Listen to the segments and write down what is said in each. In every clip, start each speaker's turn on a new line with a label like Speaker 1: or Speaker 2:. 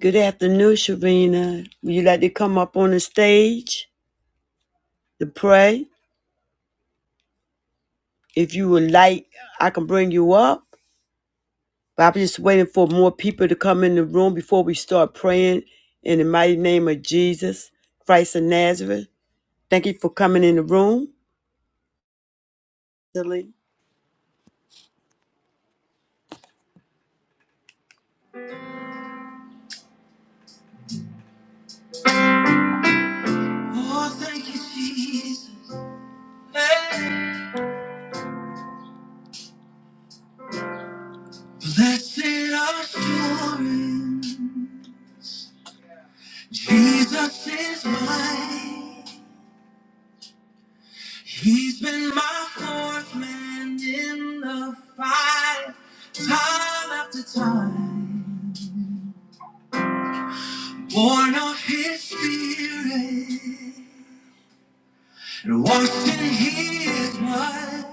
Speaker 1: Good afternoon, Sharina. Would you like to come up on the stage to pray? If you would like, I can bring you up. But I'm just waiting for more people to come in the room before we start praying in the mighty name of Jesus, Christ of Nazareth. Thank you for coming in the room. Silly. Oh, thank you, Jesus. Blessed assurance. Jesus is mine. He's been my fourth man in the fire, time after time. Born of his spirit and washed in his blood.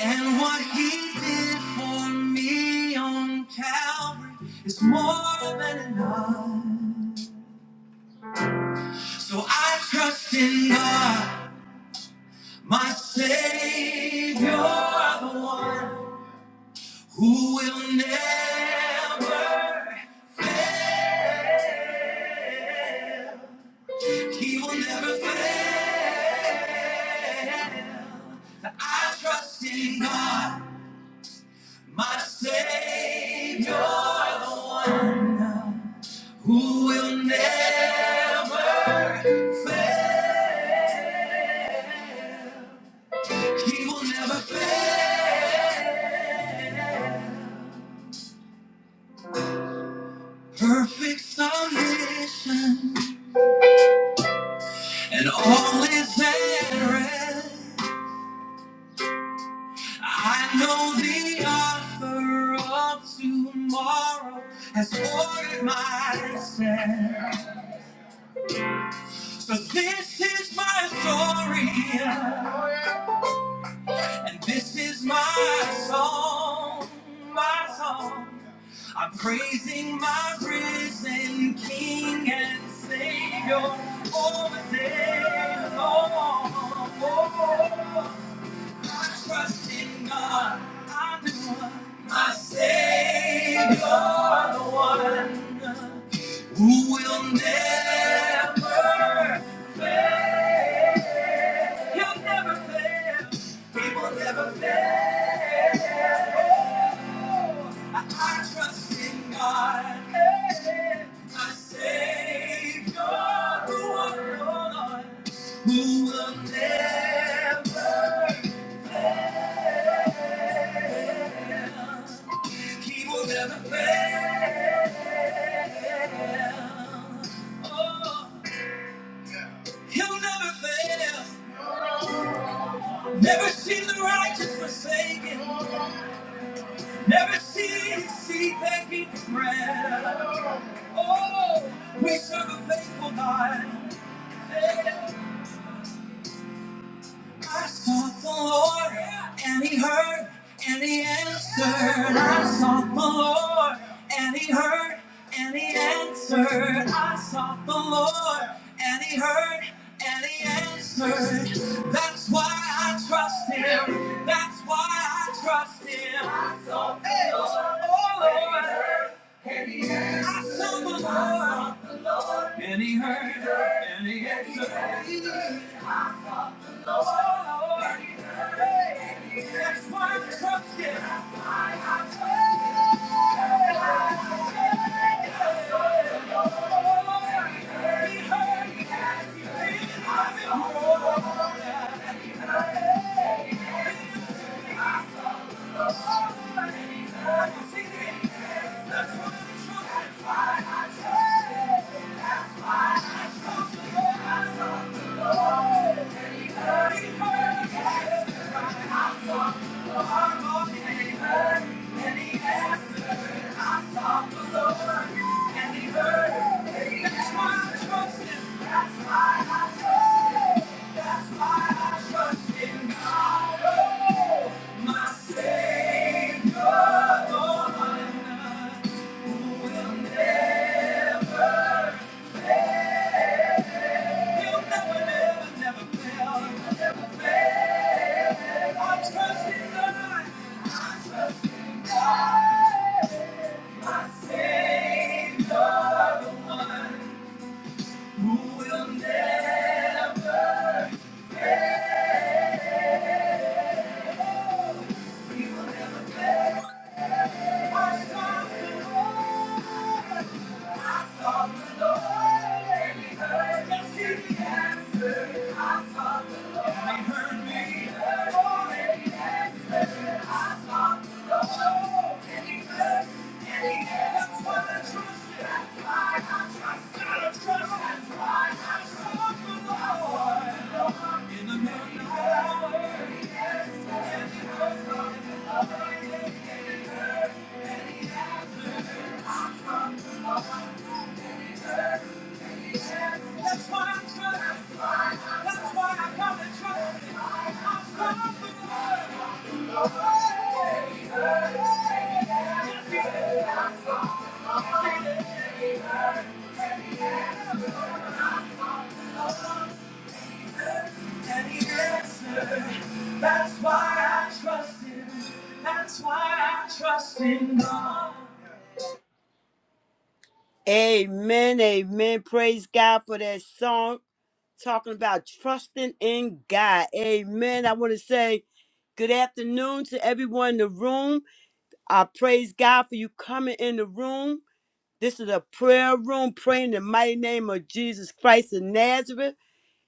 Speaker 1: And what he did for me on Calvary is more than enough. So I trust in God, my Savior, the one who will never. He will never fail. I trust in God, my Savior, the one who will never, He will never fail. Perfect submission and all is at rest. I know the author of tomorrow has ordered my steps. So this is my story. And this is my song, my song. I'm praising my risen King and Savior all the day long. Oh, I trust in God, I know my Savior, the one who will never fail. He'll never fail. He will never fail. I I trust in God, hey, my Savior, who will, Lord, who will never, He will never fail. Oh, He'll never fail. Never seen the righteous forsaken. Never seen his seed begging for bread. Oh, we serve a faithful God. Hey. I sought the Lord, and He heard, and He answered. I sought the Lord, and He heard, and He answered. I sought the Lord, and He heard, and He answered. That's why I trust Him. That's why I trust Him. I sought the Hey, Lord, and He heard, and He answered. I sought the Lord, and He heard, and He answered. Thank you. Trust in God. Trust, that's why I trust the Lord in the midnight hour. That's why I'm trying. That's why I come and try. I'm confident. And he answered. That's why I trust him. That's why I trust in God. Amen, amen. Praise God for that song talking about trusting in God. Amen. I want to say good afternoon to everyone in the room. I praise God for you coming in the room. This is a prayer room praying in the mighty name of Jesus Christ of Nazareth.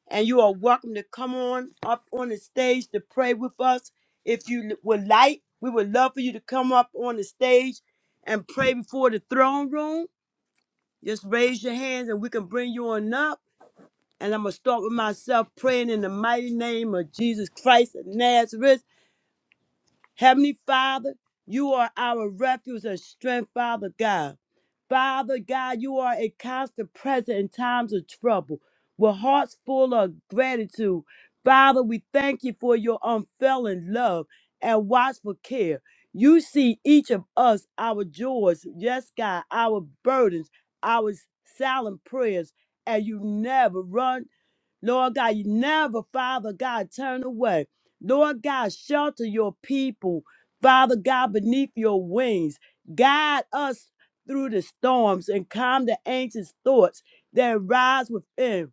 Speaker 1: And you are welcome to come on up on the stage to pray with us. If you would like, we would love for you to come up on the stage and pray before the throne room. Just raise your hands and we can bring you on up. And I'm going to start with myself praying in the mighty name of Jesus Christ of Nazareth. Heavenly Father, you are our refuge and strength, Father God. Father God, you are a constant present in times of trouble with hearts full of gratitude. Father, we thank you for your unfailing love and watchful care. You see each of us, our joys, yes, God, our burdens, our silent prayers, and you never run Lord God, you never, Father God, turn away. Lord God, shelter your people, Father God, beneath your wings. Guide us through the storms and calm the anxious thoughts that rise within.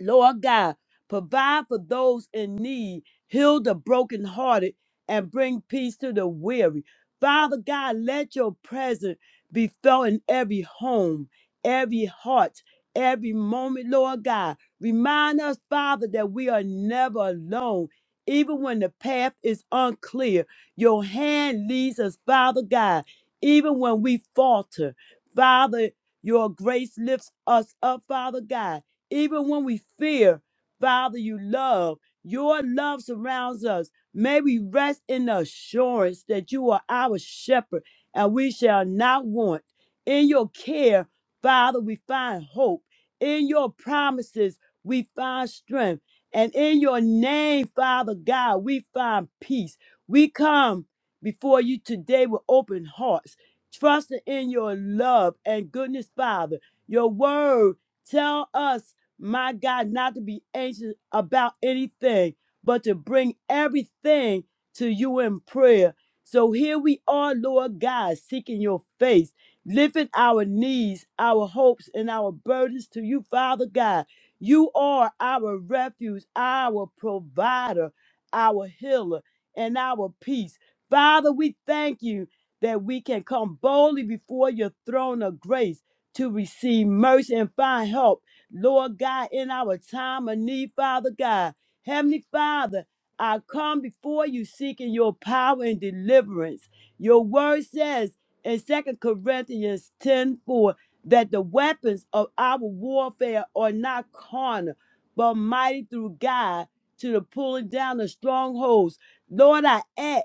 Speaker 1: Lord God, provide for those in need, heal the brokenhearted, and bring peace to the weary. Father God, let your presence be felt in every home, every heart, every moment, Lord God. Remind us, Father, that we are never alone. Even when the path is unclear, your hand leads us, Father God. Even when we falter, Father, your grace lifts us up, Father God. Even when we fear, Father, you love. Your love surrounds us. May we rest in the assurance that you are our shepherd and we shall not want. In your care, Father, we find hope. In your promises, we find strength. And in your name, Father God, we find peace. We come before you today with open hearts, trusting in your love and goodness, Father. Your word tell us my God, not to be anxious about anything, but to bring everything to you in prayer. So here we are, Lord God, seeking your face, lifting our needs, our hopes, and our burdens to you, Father God. You are our refuge, our provider, our healer, and our peace. Father, we thank you that we can come boldly before your throne of grace to receive mercy and find help Lord God, in our time of need, Father God. Heavenly Father, I come before you seeking your power and deliverance. Your word says in Second Corinthians 10 4 that the weapons of our warfare are not carnal, but mighty through God to the pulling down of strongholds. Lord, I ask,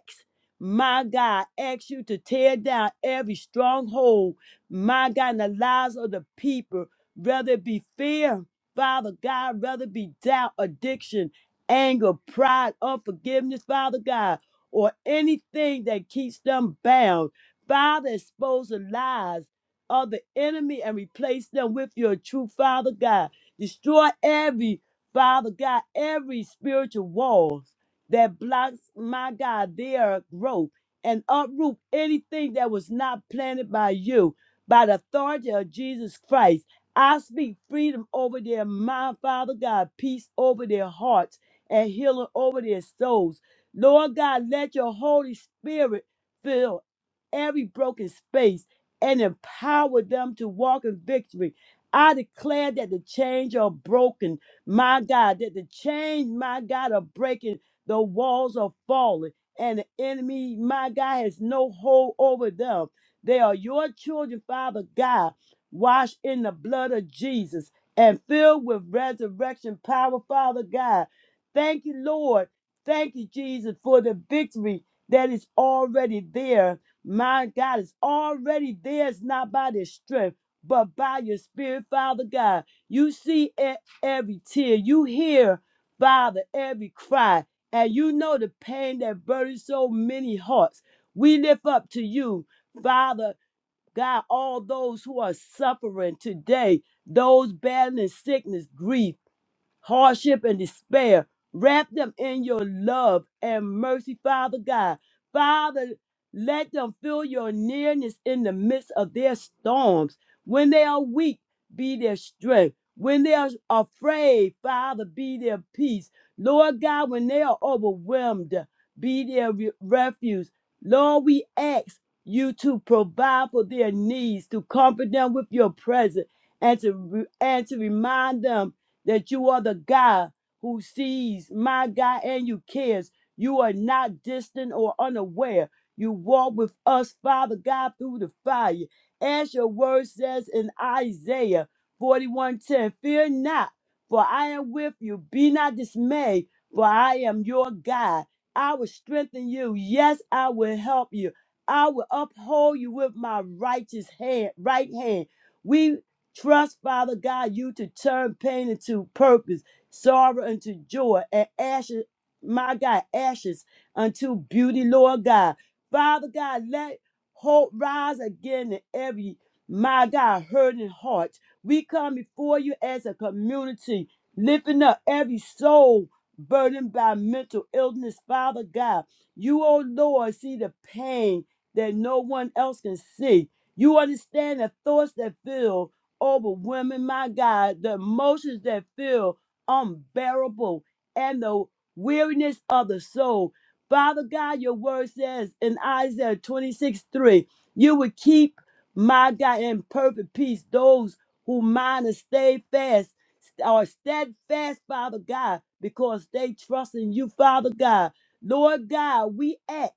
Speaker 1: my God, ask you to tear down every stronghold, my God, in the lives of the people whether it be fear, Father God, whether it be doubt, addiction, anger, pride, unforgiveness, Father God, or anything that keeps them bound. Father, expose the lies of the enemy and replace them with your true Father God. Destroy every, Father God, every spiritual wall that blocks, my God, their growth and uproot anything that was not planted by you by the authority of Jesus Christ. I speak freedom over their mind, Father God, peace over their hearts, and healing over their souls. Lord God, let your Holy Spirit fill every broken space and empower them to walk in victory. I declare that the chains are broken, my God, that the chains, my God, are breaking, the walls are falling, and the enemy, my God, has no hold over them. They are your children, Father God washed in the blood of Jesus and filled with resurrection power, Father God. Thank you, Lord. Thank you, Jesus, for the victory that is already there. My God, it's already there. It's not by their strength, but by your spirit, Father God. You see e- every tear. You hear, Father, every cry. And you know the pain that burdens so many hearts. We lift up to you, Father God, all those who are suffering today, those battling sickness, grief, hardship and despair. Wrap them in your love and mercy, Father God. Father, let them feel your nearness in the midst of their storms. When they are weak, be their strength. When they are afraid, Father, be their peace. Lord God, when they are overwhelmed, be their re- refuge. Lord, we ask you to provide for their needs, to comfort them with your presence, and to, re- and to remind them that you are the God who sees, my God, and you cares. You are not distant or unaware. You walk with us, Father God, through the fire. As your word says in Isaiah 41:10, fear not, for I am with you. Be not dismayed, for I am your God. I will strengthen you. Yes, I will help you. I will uphold you with my righteous hand, right hand. We Trust, Father God, you to turn pain into purpose, sorrow into joy, and ashes, my God, ashes unto beauty, Lord God. Father God, let hope rise again in every, my God, hurting heart. We come before you as a community, lifting up every soul burdened by mental illness, Father God. You, oh Lord, see the pain that no one else can see. You understand the thoughts that fill overwhelming, my God, the emotions that feel unbearable and the weariness of the soul. Father God, your word says in Isaiah 26 3, you will keep my God in perfect peace those who mind and stay fast are steadfast, Father God, because they trust in you, Father God. Lord God, we ask,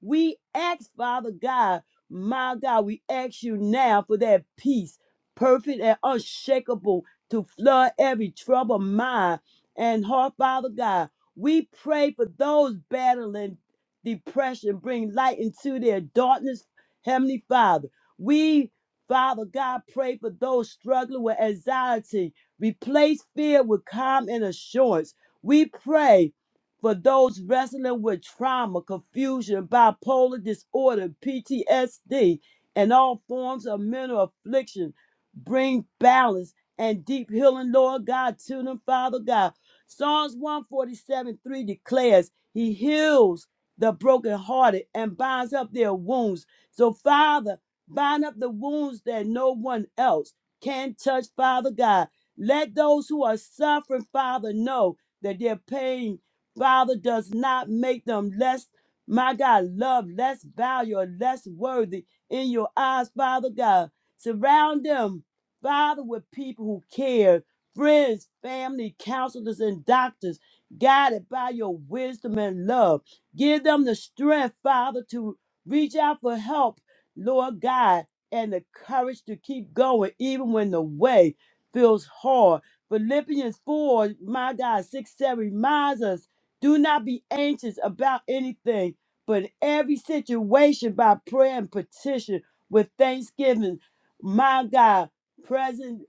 Speaker 1: we ask, Father God, my God, we ask you now for that peace perfect and unshakable to flood every troubled mind and heart, Father God. We pray for those battling depression, bring light into their darkness, Heavenly Father. We, Father God, pray for those struggling with anxiety, replace fear with calm and assurance. We pray for those wrestling with trauma, confusion, bipolar disorder, PTSD, and all forms of mental affliction. Bring balance and deep healing, Lord God, to them, Father God. Psalms 147 3 declares, He heals the brokenhearted and binds up their wounds. So, Father, bind up the wounds that no one else can touch, Father God. Let those who are suffering, Father, know that their pain, Father, does not make them less, my God, loved, less valued, or less worthy in your eyes, Father God. Surround them Father, with people who care, friends, family, counselors, and doctors, guided by your wisdom and love. Give them the strength, Father, to reach out for help, Lord God, and the courage to keep going, even when the way feels hard. Philippians 4, my God, 6, 7 reminds us do not be anxious about anything, but in every situation by prayer and petition with thanksgiving. My God, present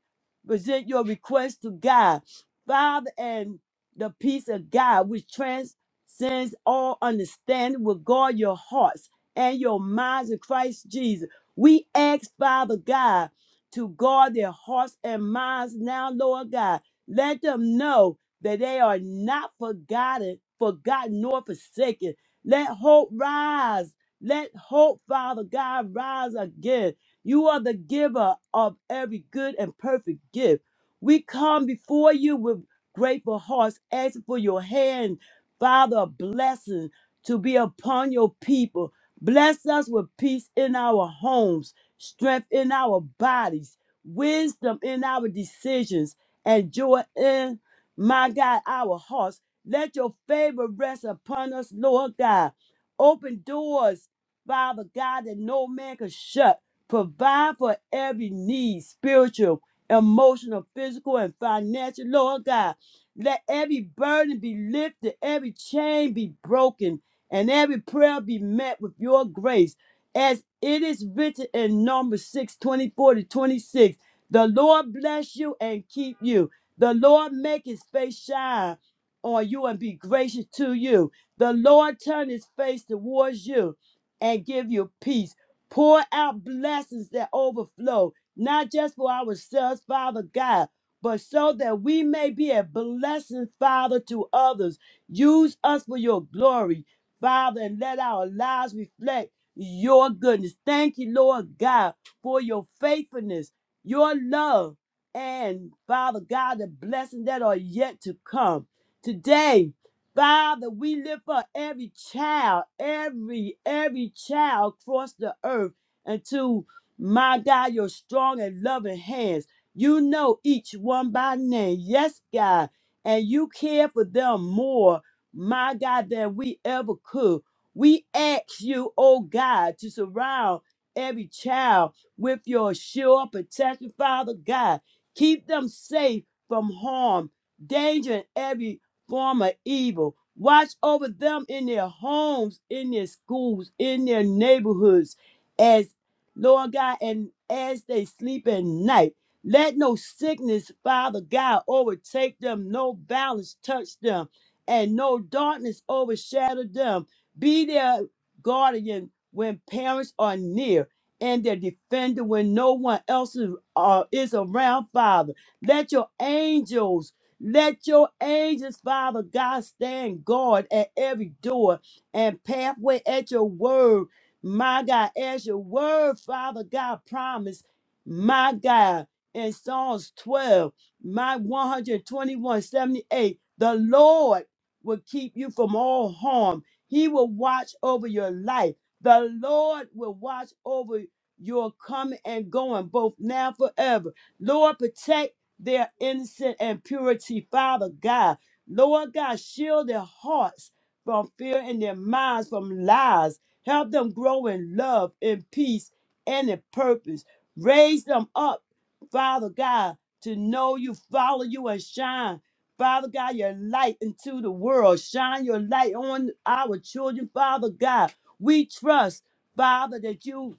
Speaker 1: present your request to God, Father, and the peace of God which transcends all understanding will guard your hearts and your minds in Christ Jesus. We ask, Father God, to guard their hearts and minds now, Lord God. Let them know that they are not forgotten, forgotten nor forsaken. Let hope rise. Let hope, Father God, rise again. You are the giver of every good and perfect gift. We come before you with grateful hearts, asking for your hand, Father, of blessing to be upon your people. Bless us with peace in our homes, strength in our bodies, wisdom in our decisions, and joy in, my God, our hearts. Let your favor rest upon us, Lord God. Open doors, Father God, that no man can shut Provide for every need, spiritual, emotional, physical, and financial. Lord God, let every burden be lifted, every chain be broken, and every prayer be met with your grace. As it is written in Numbers 6 24 to 26, the Lord bless you and keep you. The Lord make his face shine on you and be gracious to you. The Lord turn his face towards you and give you peace. Pour out blessings that overflow, not just for ourselves, Father God, but so that we may be a blessing, Father, to others. Use us for your glory, Father, and let our lives reflect your goodness. Thank you, Lord God, for your faithfulness, your love, and Father God, the blessings that are yet to come. Today, Father, we lift up every child, every, every child across the earth into my God, your strong and loving hands. You know each one by name. Yes, God. And you care for them more, my God, than we ever could. We ask you, oh God, to surround every child with your sure protection, Father God. Keep them safe from harm, danger, and every form of evil. Watch over them in their homes, in their schools, in their neighborhoods, as Lord God, and as they sleep at night. Let no sickness, Father God, overtake them, no violence touch them, and no darkness overshadow them. Be their guardian when parents are near, and their defender when no one else is, uh, is around, Father. Let your angels let your angels, Father God, stand guard at every door and pathway at your word. My God, as your word, Father God, promised, my God, in Psalms 12, my 121, 78, the Lord will keep you from all harm. He will watch over your life. The Lord will watch over your coming and going, both now and forever. Lord, protect their innocence and purity, Father God. Lord God, shield their hearts from fear and their minds from lies. Help them grow in love, in peace, and in purpose. Raise them up, Father God, to know you, follow you, and shine. Father God, your light into the world. Shine your light on our children, Father God. We trust, Father, that you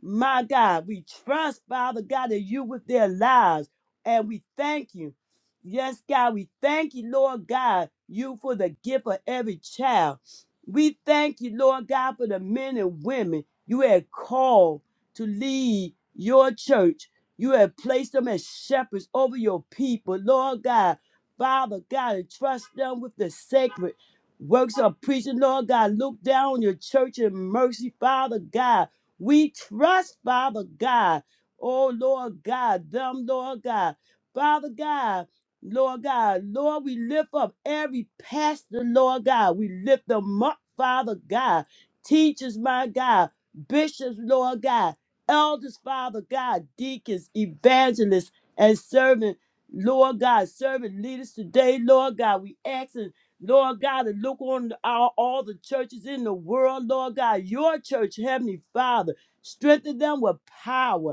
Speaker 1: my God, we trust, Father God, that you with their lives. And we thank you. Yes, God, we thank you, Lord God, you for the gift of every child. We thank you, Lord God, for the men and women you have called to lead your church. You have placed them as shepherds over your people, Lord God. Father God, and trust them with the sacred works of preaching, Lord God. Look down on your church in mercy, Father God. We trust, Father God. Oh, Lord God, them, Lord God. Father God, Lord God, Lord, we lift up every pastor, Lord God. We lift them up, Father God. Teachers, my God. Bishops, Lord God. Elders, Father God. Deacons, evangelists, and servant, Lord God. Servant leaders today, Lord God. We ask. Lord God, and look on our, all the churches in the world, Lord God, your church, Heavenly Father. Strengthen them with power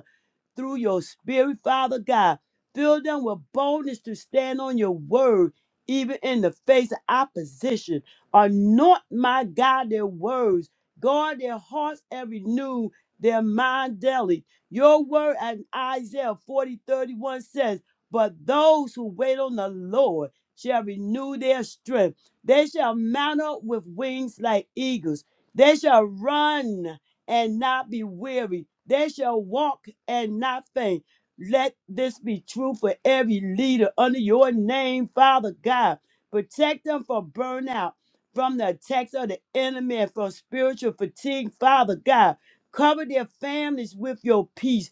Speaker 1: through your spirit, Father God. Fill them with boldness to stand on your word, even in the face of opposition. Anoint, my God, their words. Guard their hearts and renew their mind daily. Your word in Isaiah 40 31 says, But those who wait on the Lord shall renew their strength. They shall mount up with wings like eagles. They shall run and not be weary. They shall walk and not faint. Let this be true for every leader under your name, Father God. Protect them from burnout, from the attacks of the enemy, and from spiritual fatigue, Father God. Cover their families with your peace.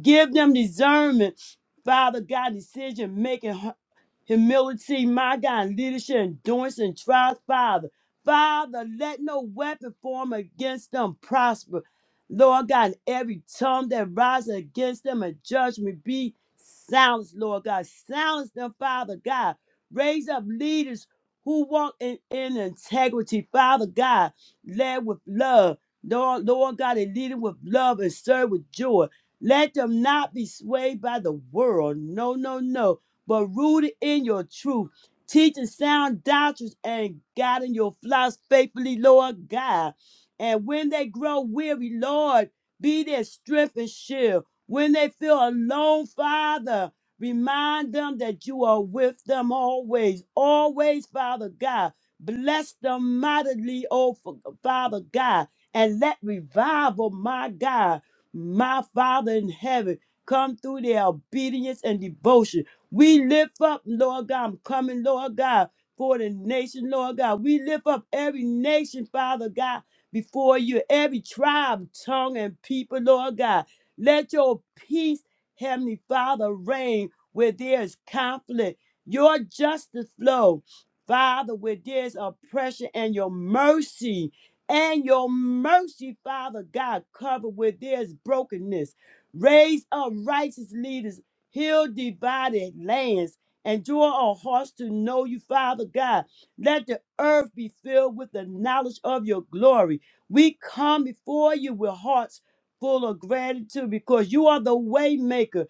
Speaker 1: Give them discernment, Father God, decision making humility, my God, leadership, endurance, and trials, Father. Father, let no weapon form against them prosper. Lord God, and every tongue that rises against them in judgment be silenced, Lord God. Silence them, Father God. Raise up leaders who walk in, in integrity, Father God, led with love. Lord, Lord God, and leading with love and serve with joy. Let them not be swayed by the world. No, no, no but rooted in your truth, teaching sound doctrines and guiding your flocks faithfully, Lord God. And when they grow weary, Lord, be their strength and shield. When they feel alone, Father, remind them that you are with them always, always, Father God. Bless them mightily, oh F- Father God, and let revival, my God, my Father in heaven, come through their obedience and devotion. We lift up, Lord God, I'm coming, Lord God, for the nation, Lord God. We lift up every nation, Father God, before you, every tribe, tongue, and people, Lord God. Let your peace, Heavenly Father, reign where there is conflict. Your justice flow, Father, where there's oppression, and your mercy, and your mercy, Father God, cover where there's brokenness. Raise up righteous leaders Heal divided lands. and draw our hearts to know you, Father God. Let the earth be filled with the knowledge of your glory. We come before you with hearts full of gratitude because you are the way maker,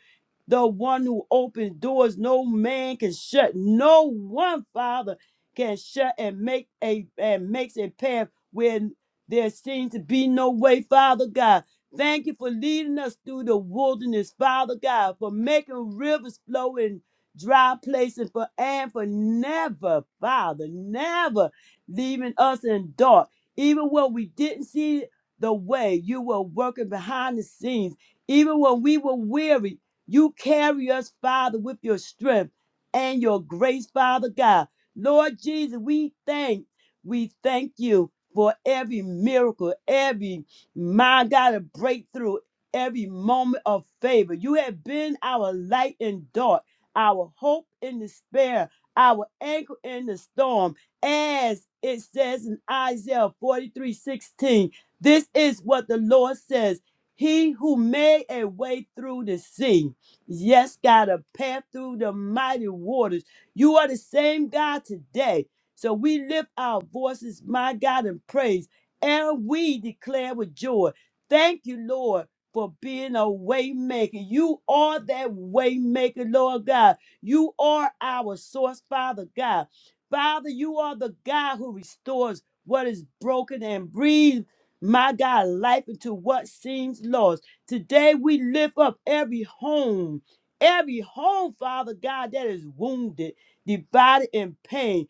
Speaker 1: the one who opens doors no man can shut. No one, Father, can shut and make a and makes a path where there seems to be no way, Father God. Thank you for leading us through the wilderness, Father God, for making rivers flow in dry places, for and for never, Father, never leaving us in dark. Even when we didn't see the way, you were working behind the scenes. Even when we were weary, you carry us, Father, with your strength and your grace, Father God. Lord Jesus, we thank, we thank you for every miracle, every my God, to break through every moment of favor. You have been our light in dark, our hope in despair, our anchor in the storm. As it says in Isaiah 43 16, this is what the Lord says. He who made a way through the sea. Yes, God, a path through the mighty waters. You are the same God today. So we lift our voices, my God, in praise and we declare with joy. Thank you, Lord, for being a waymaker. You are that waymaker, Lord God. You are our source, Father God. Father, you are the God who restores what is broken and breathes, my God, life into what seems lost. Today we lift up every home, every home, Father God, that is wounded, divided, and pain.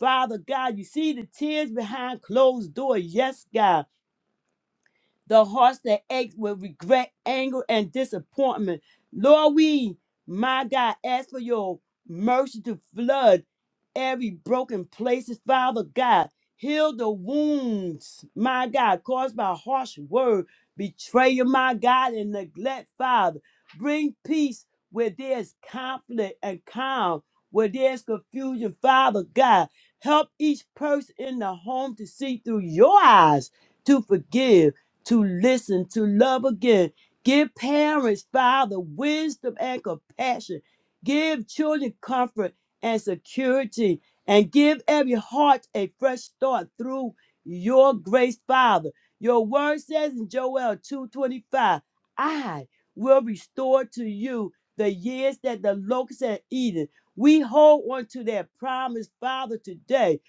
Speaker 1: Father God, you see the tears behind closed doors. Yes, God. The hearts that ache with regret, anger, and disappointment. Lord, we, my God, ask for your mercy to flood every broken places, Father God. Heal the wounds, my God, caused by harsh word, betrayal, my God, and neglect, Father. Bring peace where there's conflict and calm where there's confusion, Father God. Help each person in the home to see through your eyes to forgive to listen, to love again. Give parents, Father, wisdom and compassion. Give children comfort and security. And give every heart a fresh start through your grace, Father. Your word says in Joel 2:25, I will restore to you the years that the locusts have eaten. We hold on to that promise, Father, today.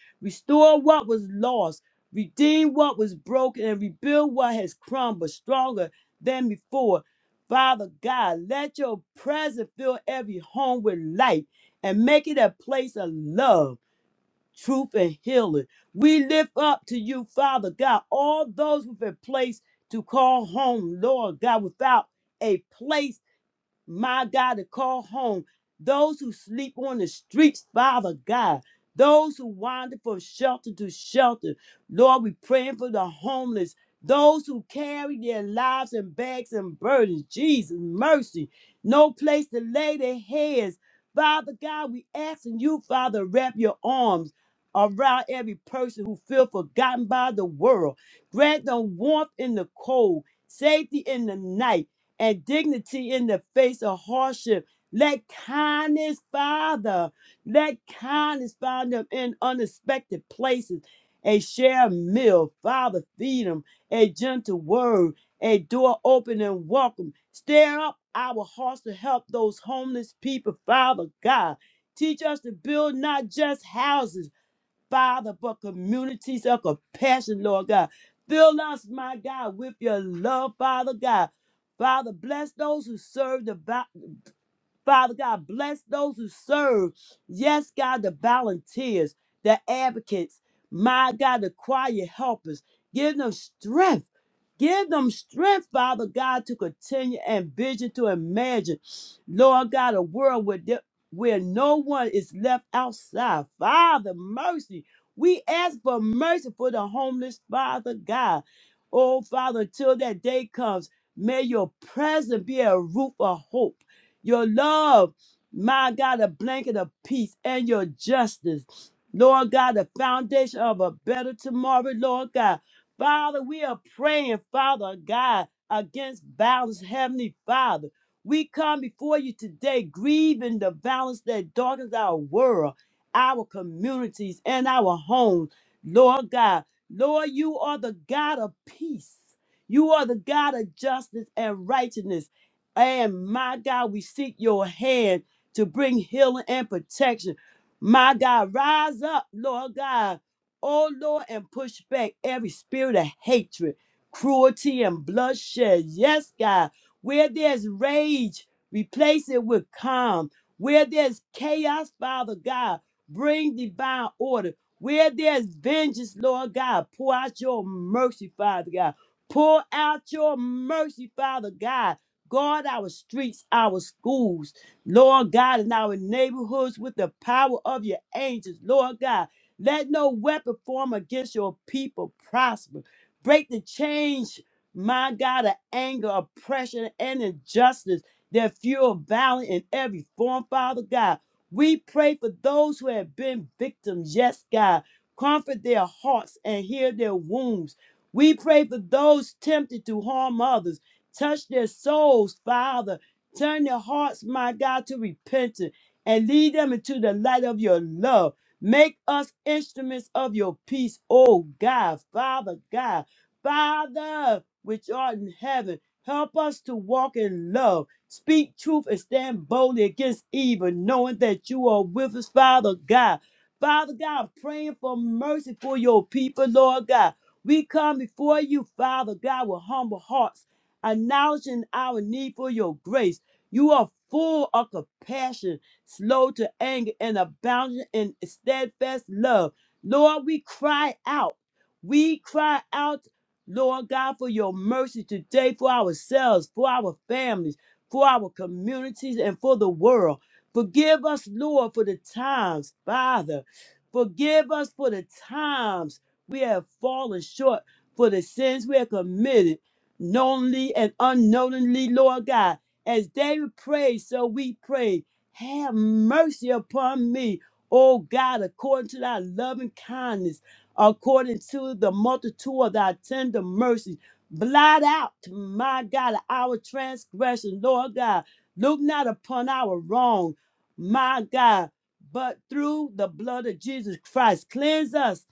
Speaker 1: Restore what was lost redeem what was broken and rebuild what has crumbled stronger than before. Father God, let your presence fill every home with light and make it a place of love, truth, and healing. We lift up to you, Father God, all those who've been placed to call home, Lord God, without a place my God, to call home those who sleep on the streets, Father God, those who wander from shelter to shelter. Lord, we praying for the homeless, those who carry their lives in bags and burdens. Jesus, mercy, no place to lay their heads. Father God, we asking you, Father, wrap your arms around every person who feel forgotten by the world. Grant them warmth in the cold, safety in the night and dignity in the face of hardship. Let kindness, Father, let kindness find them in unexpected places. A share meal, Father, feed them. A gentle word, a door open and welcome. Stir up our hearts to help those homeless people, Father God. Teach us to build not just houses Father, for communities of compassion, Lord God. Fill us, my God, with your love, Father God. Father, bless those who serve the Father God, bless those who serve. Yes, God, the volunteers, the advocates, my God, the choir helpers. Give them strength. Give them strength, Father God, to continue and vision to imagine, Lord God, a world where, there- where no one is left outside. Father, mercy. We ask for mercy for the homeless, Father God. Oh, Father, until that day comes, may your presence be a roof of hope. Your love, my God, a blanket of peace and your justice. Lord God, the foundation of a better tomorrow, Lord God. Father, we are praying, Father God, against violence, Heavenly Father. We come before you today grieving the violence that darkens our world, our communities, and our homes, Lord God. Lord, you are the God of peace. You are the God of justice and righteousness. And my God, we seek your hand to bring healing and protection. My God, rise up, Lord God. Oh Lord, and push back every spirit of hatred, cruelty, and bloodshed. Yes, God. Where there's rage, replace it with calm. Where there's chaos, Father God, bring divine order. Where there's vengeance, Lord God, pour out your mercy, Father God. Pour out your mercy, Father God Guard our streets, our schools, Lord God, and our neighborhoods with the power of your angels, Lord God. Let no weapon form against your people prosper. Break the chains, my God, of anger, oppression, and injustice that fuel violence in every form, Father God. We pray for those who have been victims, yes, God. Comfort their hearts and heal their wounds. We pray for those tempted to harm others. Touch their souls, Father. Turn their hearts, my God, to repentance and lead them into the light of your love. Make us instruments of your peace, oh God, Father God. Father, which art in heaven, help us to walk in love, speak truth, and stand boldly against evil, knowing that you are with us, Father God. Father God, I'm praying for mercy for your people, Lord God. We come before you, Father God, with humble hearts acknowledging our need for your grace. You are full of compassion, slow to anger, and abounding in steadfast love. Lord, we cry out. We cry out, Lord God, for your mercy today for ourselves, for our families, for our communities, and for the world. Forgive us, Lord, for the times, Father. Forgive us for the times we have fallen short, for the sins we have committed knowingly and unknowingly, Lord God. As David prayed, so we pray, have mercy upon me, O God, according to thy loving kindness, according to the multitude of thy tender mercies. Blot out, my God, our transgression, Lord God. Look not upon our wrong, my God, but through the blood of Jesus Christ, cleanse us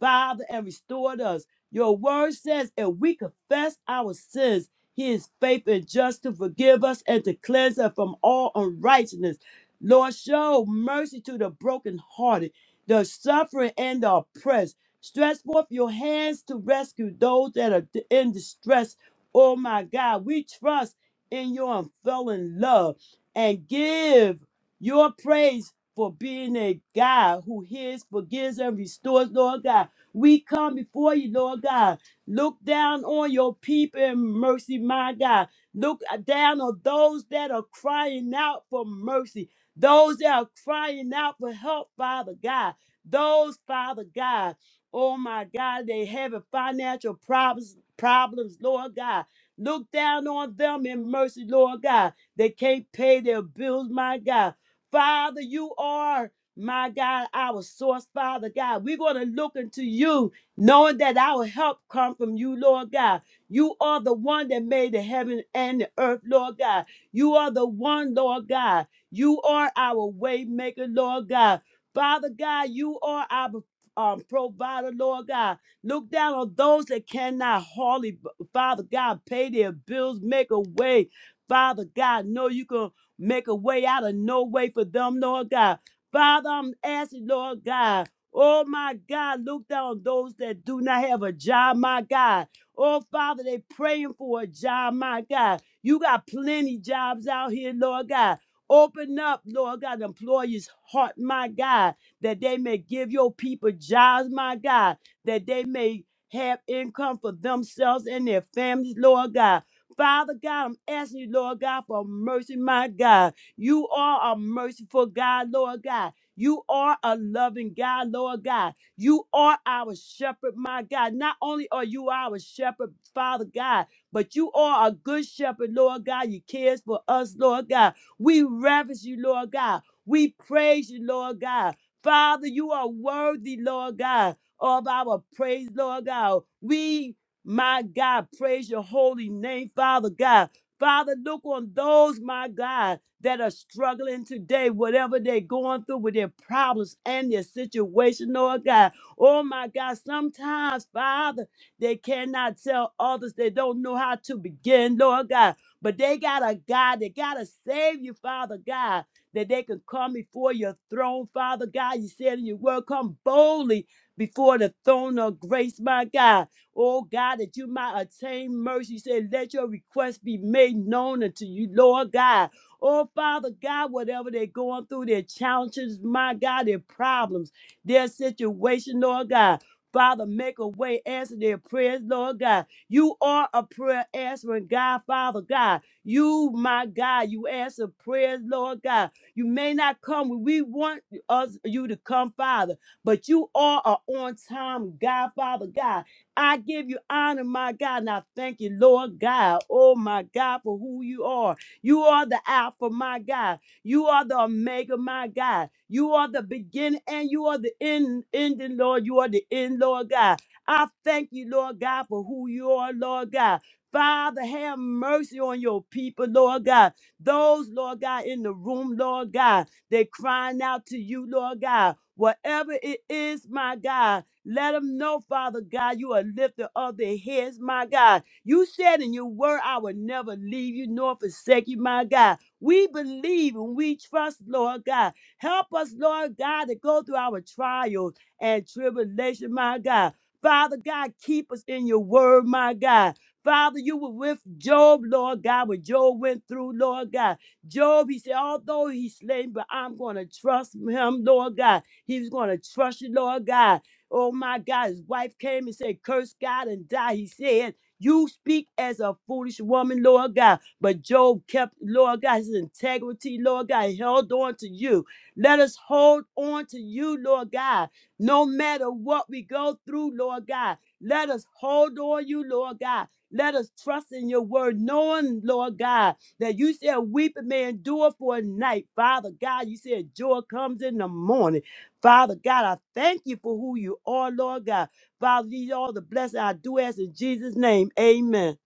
Speaker 1: Father, and restore us. Your word says if we confess our sins, he is faithful and just to forgive us and to cleanse us from all unrighteousness. Lord, show mercy to the brokenhearted, the suffering, and the oppressed. Stretch forth your hands to rescue those that are d- in distress. Oh my God, we trust in your unfailing love and give your praise for being a God who hears, forgives, and restores, Lord God. We come before you, Lord God. Look down on your people in mercy, my God. Look down on those that are crying out for mercy, those that are crying out for help, Father God. Those, Father God, oh my God, they having financial problems, problems, Lord God. Look down on them in mercy, Lord God. They can't pay their bills, my God. Father, you are my God, our source, Father God. We're going to look into you, knowing that our help come from you, Lord God. You are the one that made the heaven and the earth, Lord God. You are the one, Lord God. You are our way maker, Lord God. Father God, you are our um, provider, Lord God. Look down on those that cannot hardly, Father God, pay their bills, make a way. Father God, know you can make a way out of no way for them, Lord God. Father, I'm asking, Lord God, oh my God, look down on those that do not have a job, my God. Oh, Father, they praying for a job, my God. You got plenty jobs out here, Lord God. Open up, Lord God, the employers' heart, my God, that they may give your people jobs, my God, that they may have income for themselves and their families, Lord God. Father God, I'm asking you, Lord God, for mercy, my God. You are a merciful God, Lord God. You are a loving God, Lord God. You are our shepherd, my God. Not only are you our shepherd, Father God, but you are a good shepherd, Lord God. You cares for us, Lord God. We reverence you, Lord God. We praise you, Lord God. Father, you are worthy, Lord God, of our praise, Lord God. We, my God, praise your holy name, Father God. Father, look on those, my God, that are struggling today, whatever they're going through with their problems and their situation, Lord God. Oh, my God, sometimes, Father, they cannot tell others. They don't know how to begin, Lord God. But they got a God. They got to save you, Father God, that they can come before your throne, Father God. You said in your word, come boldly before the throne of grace, my God. Oh God, that you might attain mercy. You said, let your request be made known unto you, Lord God. Oh Father God, whatever they're going through, their challenges, my God, their problems, their situation, Lord God. Father, make a way, answer their prayers, Lord God. You are a prayer answering God, Father God. You, my God, you answer prayers, Lord God. You may not come when we want us you to come, Father, but you are a on-time God, Father God. I give you honor, my God, and I thank you, Lord God. Oh, my God, for who you are. You are the Alpha, my God. You are the Omega, my God. You are the beginning and you are the end, ending, Lord. You are the end, Lord God. I thank you, Lord God, for who you are, Lord God. Father, have mercy on your people, Lord God. Those, Lord God, in the room, Lord God, they crying out to you, Lord God. Whatever it is, my God, let them know, Father God, you are lifter of their heads, my God. You said in your word, I will never leave you nor forsake you, my God. We believe and we trust, Lord God. Help us, Lord God, to go through our trials and tribulation, my God. Father God, keep us in your word, my God. Father, you were with Job, Lord God, when Job went through, Lord God. Job, he said, although he slain, but I'm going to trust him, Lord God. He was going to trust you, Lord God. Oh my God, his wife came and said, Curse God and die. He said, You speak as a foolish woman, Lord God. But Job kept, Lord God, his integrity, Lord God, he held on to you. Let us hold on to you, Lord God, no matter what we go through, Lord God. Let us hold on you, Lord God. Let us trust in your word, knowing, Lord God, that you said weeping may endure for a night. Father God, you said joy comes in the morning. Father God, I thank you for who you are, Lord God. Father, these are all the blessings I do ask in Jesus' name. Amen.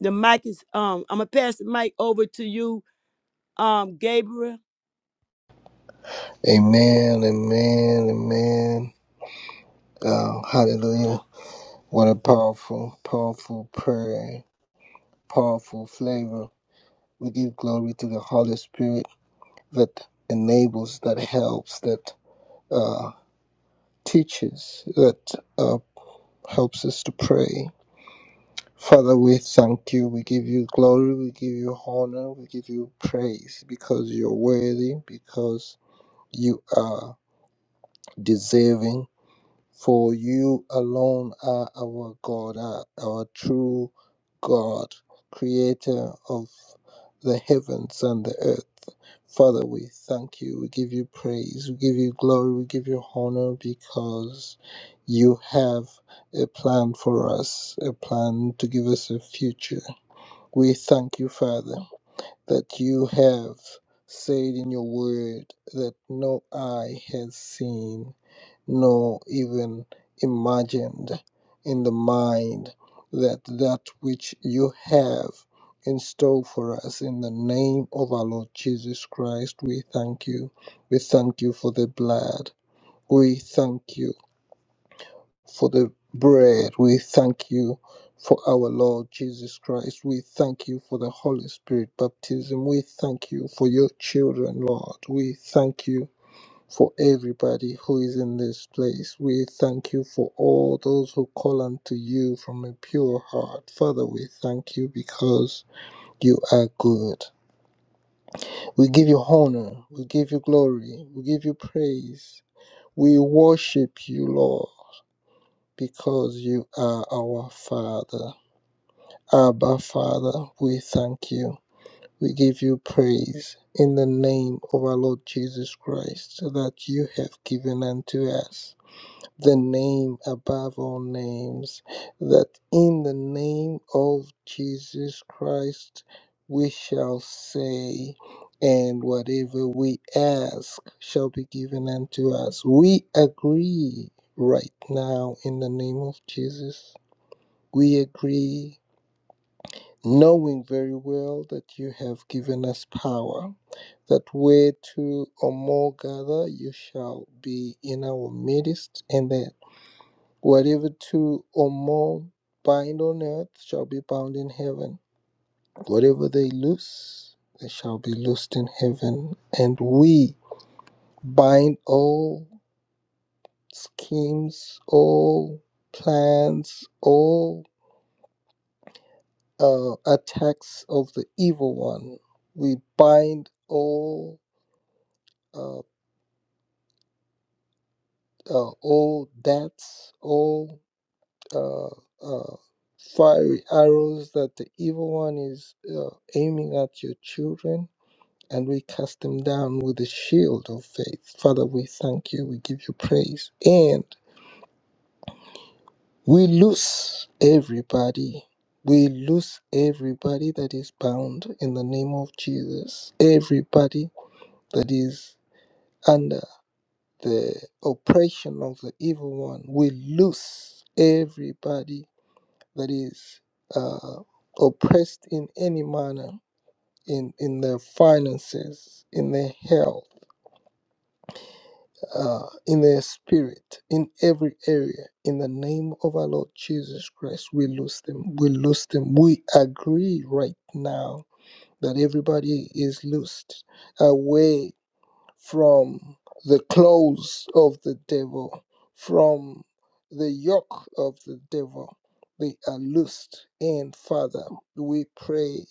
Speaker 1: The mic is um, I'm gonna pass the mic over to you, um, Gabriel.
Speaker 2: Amen, amen, amen. Uh, hallelujah. What a powerful, powerful prayer, powerful flavor. We give glory to the Holy Spirit that enables, that helps, that uh, teaches, that uh, helps us to pray. Father, we thank you. We give you glory. We give you honor. We give you praise because you're worthy, because you are deserving For you alone are our God, are our true God, creator of the heavens and the earth. Father, we thank you. We give you praise. We give you glory. We give you honor because you have a plan for us, a plan to give us a future. We thank you, Father, that you have said in your word that no eye has seen nor even imagined in the mind that that which you have in store for us in the name of our Lord Jesus Christ. We thank you. We thank you for the blood. We thank you for the bread. We thank you for our Lord Jesus Christ. We thank you for the Holy Spirit baptism. We thank you for your children, Lord. We thank you for everybody who is in this place. We thank you for all those who call unto you from a pure heart. Father, we thank you because you are good. We give you honor, we give you glory, we give you praise. We worship you, Lord, because you are our Father. Abba, Father, we thank you. We give you praise in the name of our Lord Jesus Christ that you have given unto us. the name above all names, that in the name of Jesus Christ we shall say, and whatever we ask shall be given unto us. We agree right now in the name of Jesus. We agree, knowing very well that you have given us power, that where two or more gather, you shall be in our midst, and that. Whatever two or more bind on earth shall be bound in heaven. Whatever they loose, they shall be loosed in heaven. And we bind all schemes, all plans, all uh, attacks of the evil one. We bind all uh, uh, all debts, all uh, uh, fiery arrows that the evil one is uh, aiming at your children, and we cast them down with the shield of faith. Father, we thank you, we give you praise, and we loose everybody. We loose everybody that is bound in the name of Jesus, everybody that is under the oppression of the evil one. We loose everybody that is uh, oppressed in any manner in, in their finances, in their health, uh, in their spirit, in every area. In the name of our Lord Jesus Christ, we lose them. We lose them. We agree right now that everybody is loosed away from the claws of the devil, from the yoke of the devil. They are loosed. And Father, we pray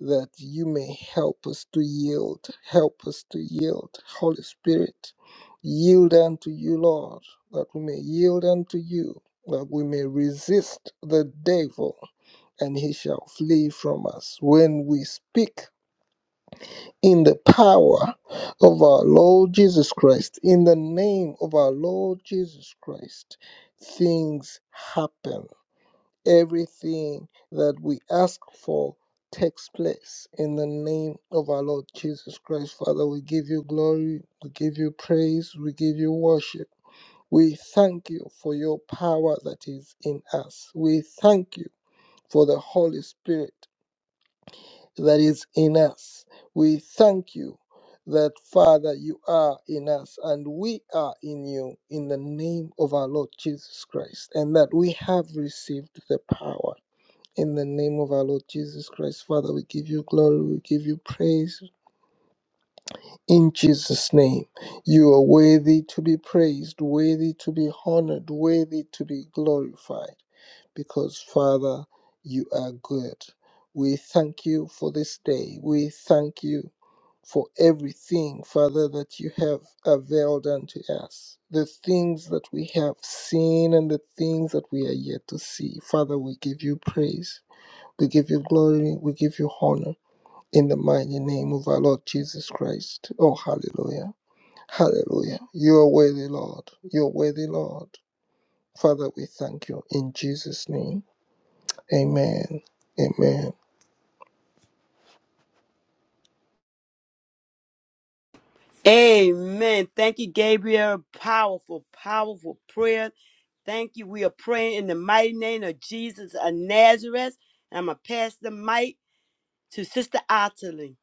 Speaker 2: that you may help us to yield. Help us to yield. Holy Spirit, yield unto you, Lord, that we may yield unto you, that we may resist the devil, and he shall flee from us. When we speak, in the power of our Lord Jesus Christ, in the name of our Lord Jesus Christ, things happen. Everything that we ask for takes place in the name of our Lord Jesus Christ. Father, we give you glory, we give you praise, we give you worship. We thank you for your power that is in us. We thank you for the Holy Spirit that is in us. We thank you that, Father, you are in us and we are in you in the name of our Lord Jesus Christ, and that we have received the power. In the name of our Lord Jesus Christ, Father, we give you glory, we give you praise. In Jesus' name, you are worthy to be praised, worthy to be honored, worthy to be glorified, because, Father, you are good. We thank you for this day. We thank you for everything, Father, that you have availed unto us, the things that we have seen and the things that we are yet to see. Father, we give you praise, we give you glory, we give you honor in the mighty name of our Lord Jesus Christ. Oh, hallelujah! Hallelujah! You are worthy, Lord. You are worthy, Lord. Father, we thank you in Jesus' name. Amen. Amen.
Speaker 1: Amen. Thank you, Gabriel. Powerful, powerful prayer. Thank you. We are praying in the mighty name of Jesus of Nazareth. And I'm gonna pass the mic to Sister Otterly.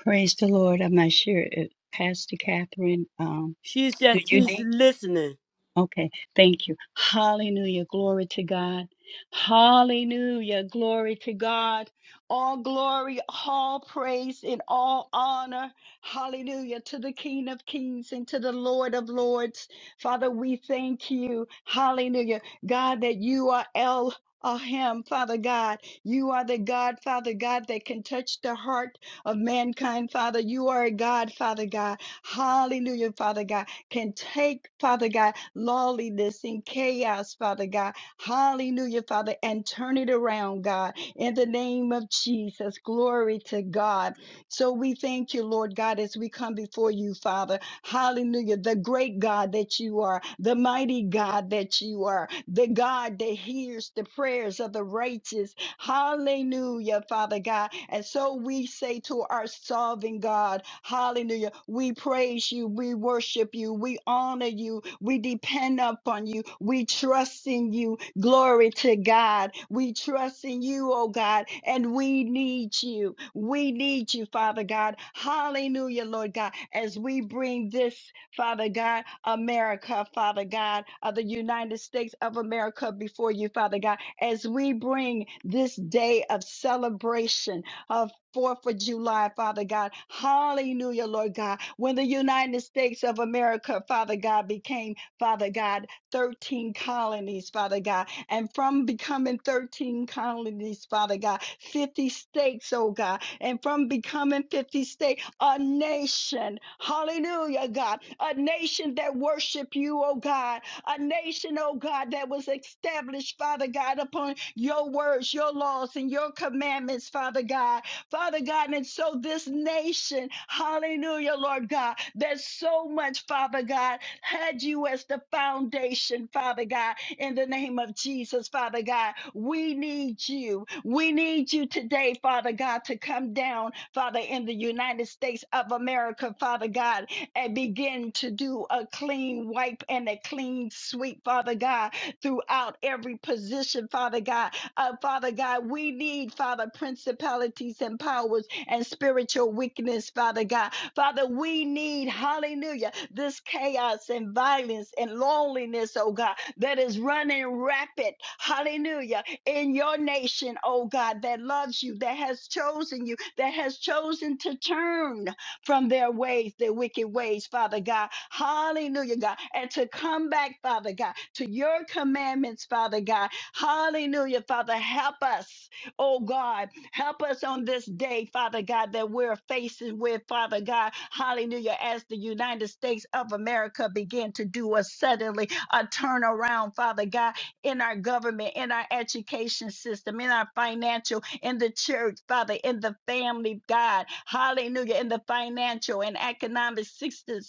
Speaker 3: Praise the Lord. I'm not sure if Pastor Catherine, um,
Speaker 1: She's
Speaker 3: do
Speaker 1: just
Speaker 3: you
Speaker 1: she's
Speaker 3: need?
Speaker 1: listening.
Speaker 3: Okay, thank you. Hallelujah. Glory to God. Hallelujah. Glory to God. All glory, all praise, and all honor. Hallelujah. To the King of Kings and to the Lord of Lords. Father, we thank you. Hallelujah. God, that you are El. Him, Father God, you are the God, Father God, that can touch the heart of mankind, Father. You are a God, Father God. Hallelujah, Father God can take, Father God, lawlessness and chaos, Father God. Hallelujah, Father, and turn it around, God, in the name of Jesus. Glory to God. So we thank you, Lord God, as we come before you, Father. Hallelujah, the great God that you are, the mighty God that you are, the God that hears the prayers of the righteous Hallelujah, Father God. And so we say to our solving God, Hallelujah. We praise you. We worship you. We honor you. We depend upon you. We trust in you. Glory to God. We trust in you, oh God, and we need you. We need you, Father God. Hallelujah, Lord God, as we bring this Father God, America, Father God, of the United States of America before you, Father God as we bring this day of celebration of Fourth of July, Father God. Hallelujah, Lord God. When the United States of America, Father God, became, Father God, 13 colonies, Father God. And from becoming 13 colonies, Father God, 50 states, oh God. And from becoming 50 states, a nation, hallelujah, God, a nation that worship you, oh God, a nation, oh God, that was established, Father God, upon your words, your laws, and your commandments, Father God. Father God, and so this nation, hallelujah, Lord God, there's so much, Father God, had you as the foundation, Father God, in the name of Jesus, Father God. We need you. We need you today, Father God, to come down, Father, in the United States of America, Father God and begin to do a clean wipe and a clean sweep, Father God, throughout every position, Father God. Uh, Father God, we need, Father, principalities and powers and spiritual weakness, Father God. Father, we need, hallelujah, this chaos and violence and loneliness, oh God, that is running rapid, hallelujah, in your nation, oh God, that loves you, that has chosen you, that has chosen to turn from their ways, their wicked ways, Father God. Hallelujah, God. And to come back, Father God, to your commandments, Father God. Hallelujah, Father. Help us, oh God. Help us on this day, Father God, that we're facing with, Father God. Hallelujah, as the United States of America begin to do a suddenly a turnaround, Father God, in our government, in our education system, in our financial in the church, Father, in the family, God, hallelujah, in the financial and economic system,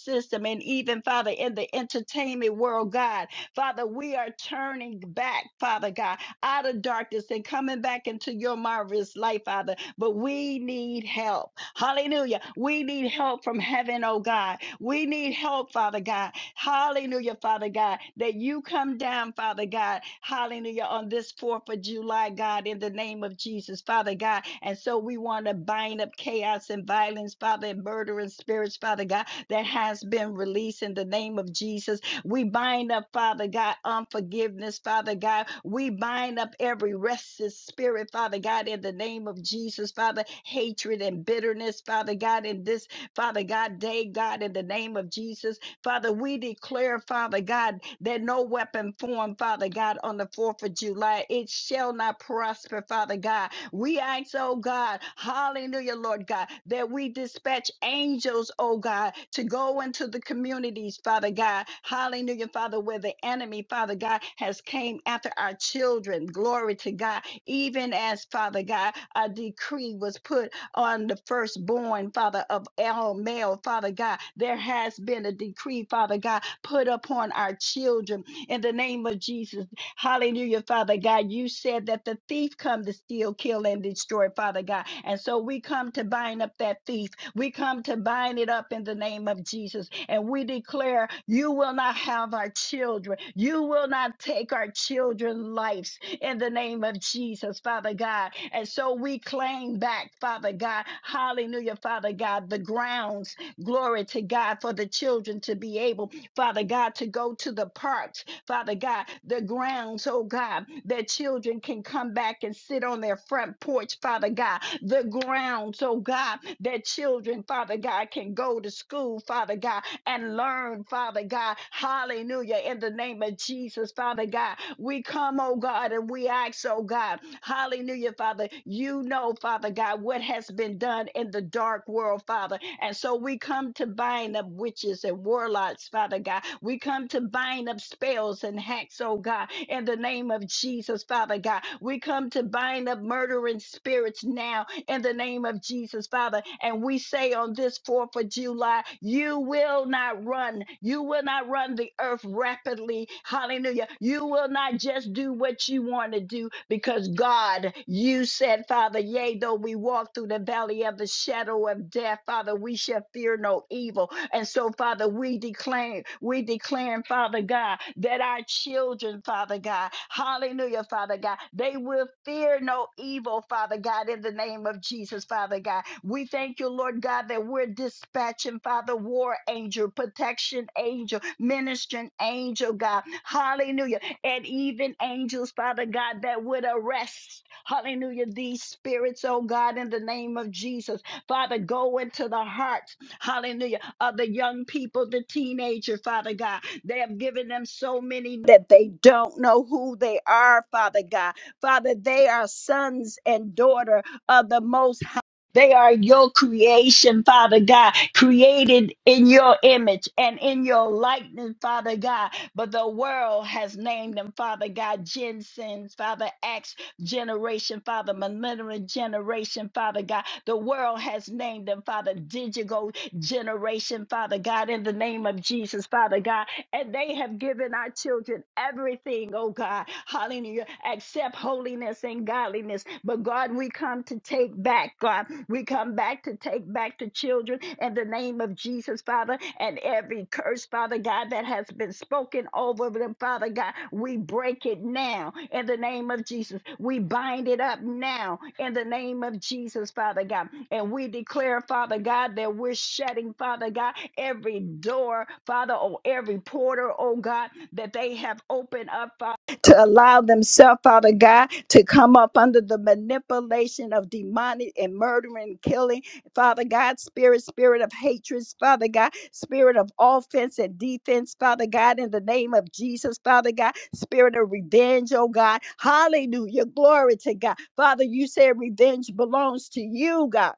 Speaker 3: and even, Father, in the entertainment world, God. Father, we are turning back, Father God, out of darkness and coming back into your marvelous light, Father. But we need help. Hallelujah. We need help from heaven, oh God. We need help, Father God. Hallelujah, Father God, that you come down, Father God. Hallelujah, on this 4th of July, God, in the name of Jesus, Father God. And so we want to bind up chaos and violence, Father, and murder and spirits, Father God, that has been released in the name of Jesus. We bind up, Father God, unforgiveness, Father God. We bind up every restless spirit, Father God, in the name of Jesus, Father. Hatred and bitterness, Father God, in this, Father God, day, God, in the name of Jesus. Father, we declare, Father God, that no weapon formed, Father God, on the 4th of July, it shall not prosper, Father God. We ask, oh God, hallelujah, Lord God, that we dispatch angels, oh God, to go into the communities, Father God, hallelujah, Father, where the enemy, Father God, has came after our children. Glory to God. Even as, Father God, a decree was put on the firstborn, Father, of all male, Father God. There has been a decree, Father God, put upon our children in the name of Jesus. Hallelujah, Father God. You said that the thief come to steal, kill, and destroy, Father God. And so we come to bind up that thief. We come to bind it up in the name of Jesus. And we declare you will not have our children. You will not take our children's lives in the name of Jesus, Father God. And so we claim back, Father God, hallelujah, Father God, the grounds, glory to God, for the children to be able, Father God, to go to the parks, Father God, the grounds, oh God, that children can come back and sit on their front porch, Father God, the grounds, oh God, that children, Father God, can go to school, Father God, and learn, Father God. Hallelujah. In the name of Jesus, Father God, we come, oh God, and we ask, oh God, hallelujah, Father. You know, Father God, what has been done in the dark world, Father. And so we come to bind up witches and warlocks, Father God. We come to bind up spells and hacks, oh God, in the name of Jesus, Father God. We come to bind up murdering spirits now in the name of Jesus, Father. And we say on this 4th of July, you will not run. You will not run the earth rapidly. Hallelujah. You will not just do what you want to do because God, you said, Father, yea, though we walk through the valley of the shadow of death, Father, we shall fear no evil evil. And so, Father, we declare, we declare, Father God, that our children, Father God, hallelujah, Father God, they will fear no evil, Father God, in the name of Jesus, Father God. We thank you, Lord God, that we're dispatching, Father, war angel, protection angel, ministering angel, God, hallelujah, and even angels, Father God, that would arrest, hallelujah, these spirits, oh God, in the name of Jesus. Father, go into the hearts hallelujah, of the young people, the teenager, Father God. They have given them so many that they don't know who they are, Father God. Father, they are sons and daughter of the Most High. They are your creation, Father God, created in your image and in your likeness, Father God. But the world has named them, Father God, Gen Sins, Father X generation, Father Millennial generation, Father God. The world has named them, Father Digital generation, Father God, in the name of Jesus, Father God. And they have given our children everything, oh God. Hallelujah. Accept holiness and godliness. But God, we come to take back, God. We come back to take back the children in the name of Jesus, Father. And every curse, Father God, that has been spoken over over them, Father God. We break it now in the name of Jesus. We bind it up now in the name of Jesus, Father God. And we declare, Father God, that we're shutting, Father God, every door, Father, or every portal, oh God, that they have opened up, Father to allow themselves, Father God, to come up under the manipulation of demonic and murdering, killing, Father God, spirit, spirit of hatred, Father God spirit of offense and defense, Father God, in the name of Jesus, Father God, spirit of revenge, oh God. Hallelujah. Glory to God. Father, you said revenge belongs to you, God.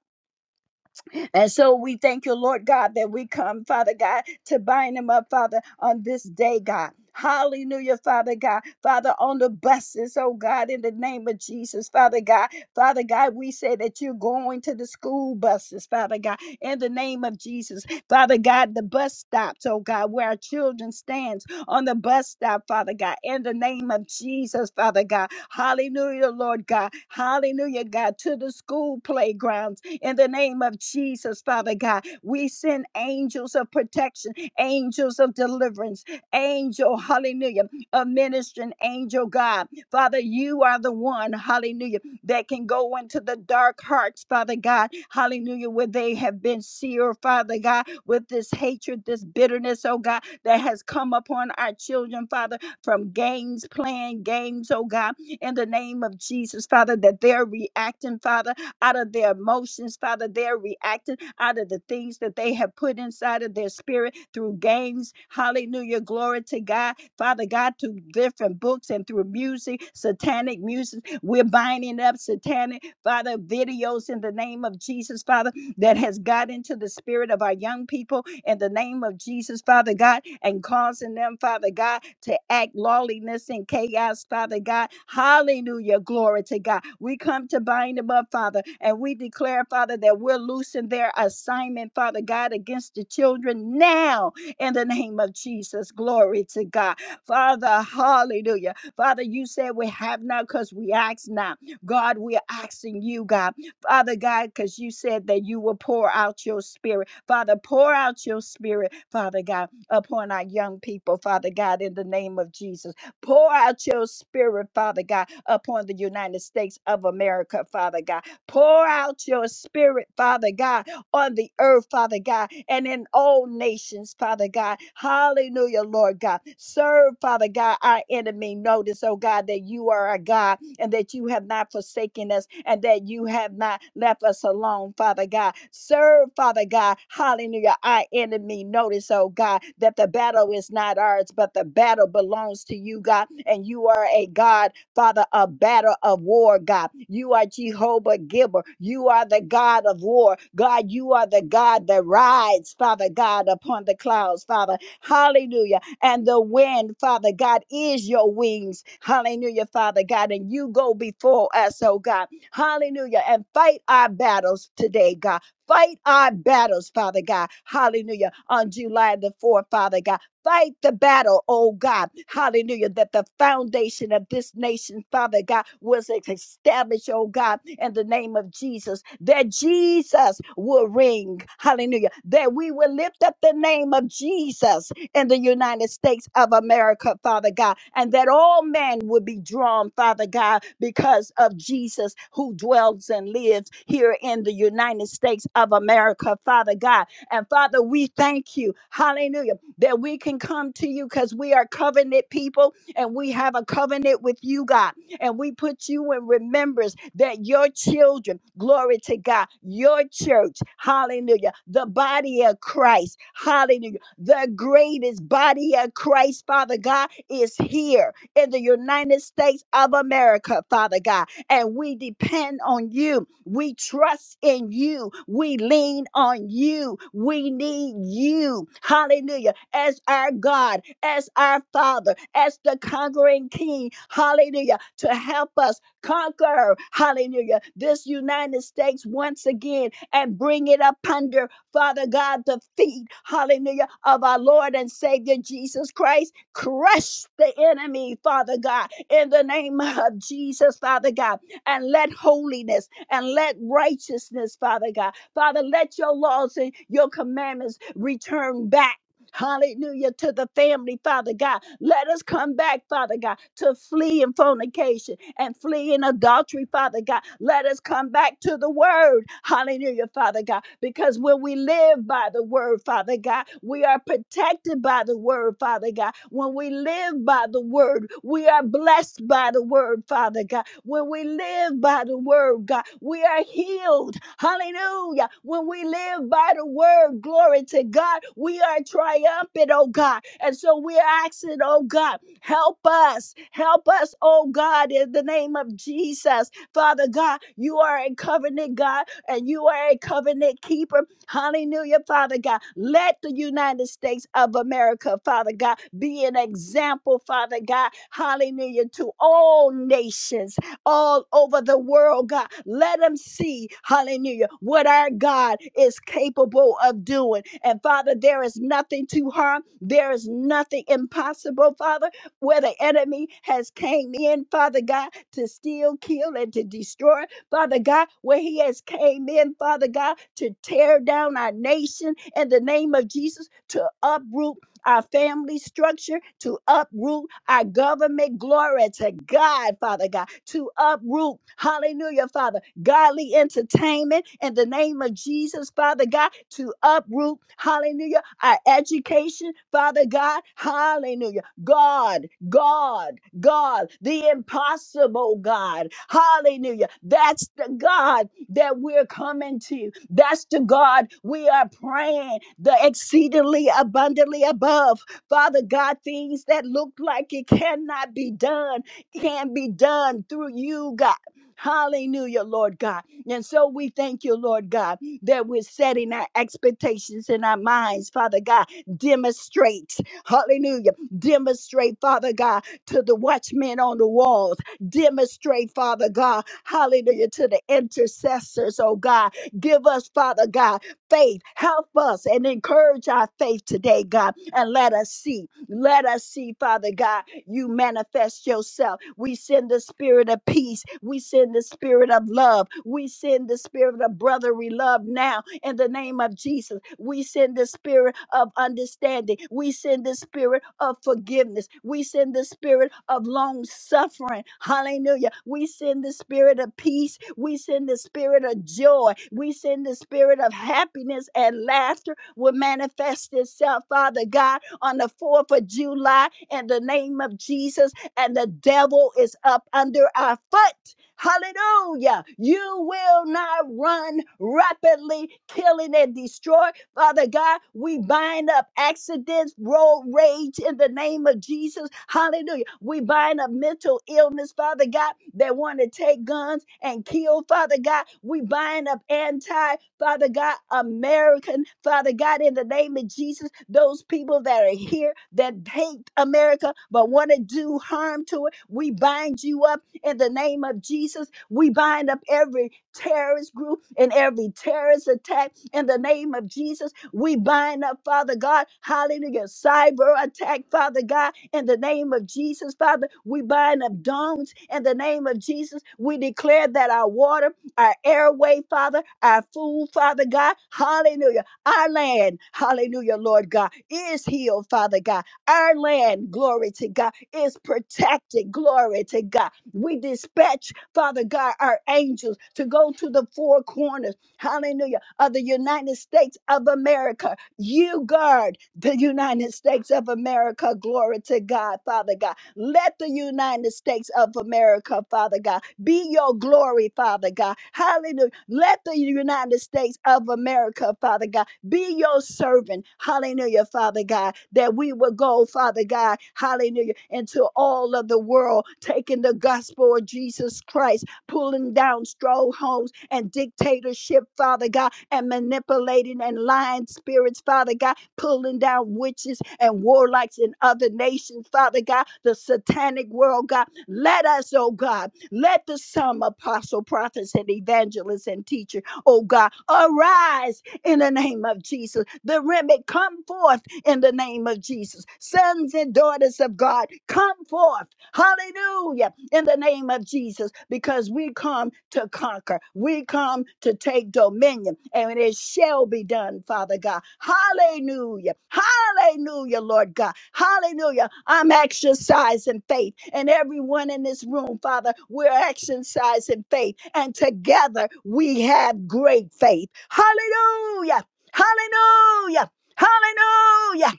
Speaker 3: And so we thank you, Lord God, that we come, Father God, to bind them up, Father, on this day, God. Hallelujah, Father God. Father, on the buses, oh God, in the name of Jesus, Father God. Father God, we say that you're going to the school buses, Father God, in the name of Jesus. Father God, the bus stops, oh God, where our children stands on the bus stop, Father God, in the name of Jesus, Father God. Hallelujah, Lord God. Hallelujah, God, to the school playground, in the name of Jesus, Father God, we send angels of protection, angels of deliverance, angel, hallelujah, a ministering angel, God. Father, you are the one, hallelujah, that can go into the dark hearts, Father God, hallelujah, where they have been seared, Father God, with this hatred, this bitterness, oh God, that has come upon our children, Father, from games, playing games, oh God, in the name of Jesus, Father, that they're reacting, Father out of their emotions, Father. They're reacting out of the things that they have put inside of their spirit through games. Hallelujah. Glory to God. Father God, through different books and through music, satanic music. We're binding up satanic, Father, videos in the name of Jesus, Father that has got into the spirit of our young people in the name of Jesus, Father God, and causing them, Father God, to act lawlessness and chaos, Father God. Hallelujah. Glory to God. We come to bind them up, Father, and we declare, Father, that we're loosing their assignment, Father God, against the children now in the name of Jesus. Glory to God. Father, hallelujah. Father, you said we have not because we ask not. God, we're asking you, God. Father God, because you said that you will pour out your spirit. Father, pour out your spirit, Father God, upon our young people, Father God, in the name of Jesus. Pour out your spirit, Father God, upon the United States of America, Father God. Pour out your spirit, Father God, on the earth, Father God, and in all nations, Father God. Hallelujah, Lord God. Serve, Father God, our enemy. Notice, oh God, that you are a God and that you have not forsaken us and that you have not left us alone, Father God. Serve, Father God, hallelujah, our enemy. Notice, oh God, that the battle is not ours, but the battle belongs to you, God, and you are a God Father, a battle of war, God. You are Jehovah Gibber. You are the God of war. God, you are the God that rides, Father God, upon the clouds, Father. Hallelujah and the wind, Father God, is your wings. Hallelujah, Father God. And you go before us, oh God. Hallelujah. And fight our battles today, God. Fight our battles, Father God. Hallelujah. On July the 4th, Father God. Fight the battle, oh God. Hallelujah. That the foundation of this nation, Father God, was established, oh God, in the name of Jesus. That Jesus will ring. Hallelujah. That we will lift up the name of Jesus in the United States of America, Father God, and that all men would be drawn, Father God, because of Jesus who dwells and lives here in the United States of America, Father God. And Father, we thank you, hallelujah, that we can come to you because we are covenant people and we have a covenant with you, God. And we put you in remembrance that your children, glory to God, your church, hallelujah, the body of Christ, hallelujah the greatest body of Christ, Father God, is here in the United States of America, Father God. And we depend on you. We trust in you. We lean on you. We need you. Hallelujah. As our God, as our Father, as the conquering King. Hallelujah. To help us conquer, hallelujah, this United States once again and bring it up under. Father God, the feet, hallelujah, of our Lord and Savior Jesus Christ. Crush the enemy, Father God, in the name of Jesus, Father God, and let holiness and let righteousness, Father God, Father, let your laws and your commandments return back. Hallelujah to the family, Father God. Let us come back, Father God, to flee in fornication and flee in adultery, Father God. Let us come back to the word. Hallelujah, Father God. Because when we live by the word, Father God, we are protected by the word, Father God. When we live by the word, we are blessed by the word, Father God. When we live by the word, God, we are healed Hallelujah. When we live by the word, glory to God, we are triumphant, oh God. And so we're asking, oh God, help us. Help us, oh God, in the name of Jesus. Father God, you are a covenant God and you are a covenant keeper. Hallelujah, Father God. Let the United States of America, Father God, be an example, Father God. Hallelujah, to all nations all over the world, God. Let them see, hallelujah, what our God is capable of doing. And Father, there is nothing too hard. There is nothing impossible, Father, where the enemy has came in, Father God, to steal, kill, and to destroy. Father God, where he has came in, Father God, to tear down our nation in the name of Jesus, to uproot our family structure, to uproot our government. Glory to God, Father God, to uproot, hallelujah, Father, godly entertainment in the name of Jesus, Father God, to uproot, hallelujah, our education, Father God, hallelujah. God, God, God, the impossible God, hallelujah. That's the God that we're coming to. That's the God we are praying, the exceedingly abundantly above. Father God, things that look like it cannot be done can be done through you, God. Hallelujah, Lord God. And so we thank you, Lord God, that we're setting our expectations in our minds, Father God. Demonstrate, hallelujah, demonstrate, Father God, to the watchmen on the walls Demonstrate, Father God, hallelujah, to the intercessors, oh God. Give us, Father God, faith. Help us and encourage our faith today, God. And let us see, let us see, Father God, you manifest yourself. We send the spirit of peace. We send the spirit of love. We send the spirit of brotherly love now in the name of Jesus. We send the spirit of understanding. We send the spirit of forgiveness. We send the spirit of long suffering. Hallelujah. We send the spirit of peace. We send the spirit of joy. We send the spirit of happiness and laughter will manifest itself, Father God, on the 4th of July in the name of Jesus. And the devil is up under our foot Hallelujah. You will not run rapidly, killing and destroy. Father God, we bind up accidents, road rage in the name of Jesus. Hallelujah. We bind up mental illness, Father God, that want to take guns and kill, Father God. We bind up anti, Father God, American, Father God, in the name of Jesus, those people that are here that hate America but want to do harm to it. We bind you up in the name of Jesus, we bind up every terrorist group and every terrorist attack. In the name of Jesus, we bind up, Father God, hallelujah, cyber attack, Father God. In the name of Jesus, Father, we bind up domes. In the name of Jesus, we declare that our water, our airway, Father, our food, Father God, hallelujah, our land, hallelujah, Lord God, is healed, Father God. Our land, glory to God, is protected, glory to God. We dispatch, Father God, our angels to go to the four corners, hallelujah, of the United States of America. You guard the United States of America. Glory to God, Father God. Let the United States of America, Father God, be your glory, Father God. Hallelujah. Let the United States of America, Father God, be your servant, hallelujah, Father God, that we will go, Father God, hallelujah, into all of the world, taking the gospel of Jesus Christ, pulling down strongholds and dictatorship, Father God, and manipulating and lying spirits, Father God, pulling down witches and warlocks in other nations, Father God, the satanic world, God. Let us, oh God, let the some apostle, prophets, and evangelists and teachers, oh God, arise in the name of Jesus. The remnant come forth in the name of Jesus. Sons and daughters of God, come forth. Hallelujah in the name of Jesus because we come to conquer. We come to take dominion and it shall be done, Father God. Hallelujah. Hallelujah, Lord God. Hallelujah. I'm exercising faith and everyone in this room, Father, we're exercising faith and together we have great faith. Hallelujah. Hallelujah. Hallelujah.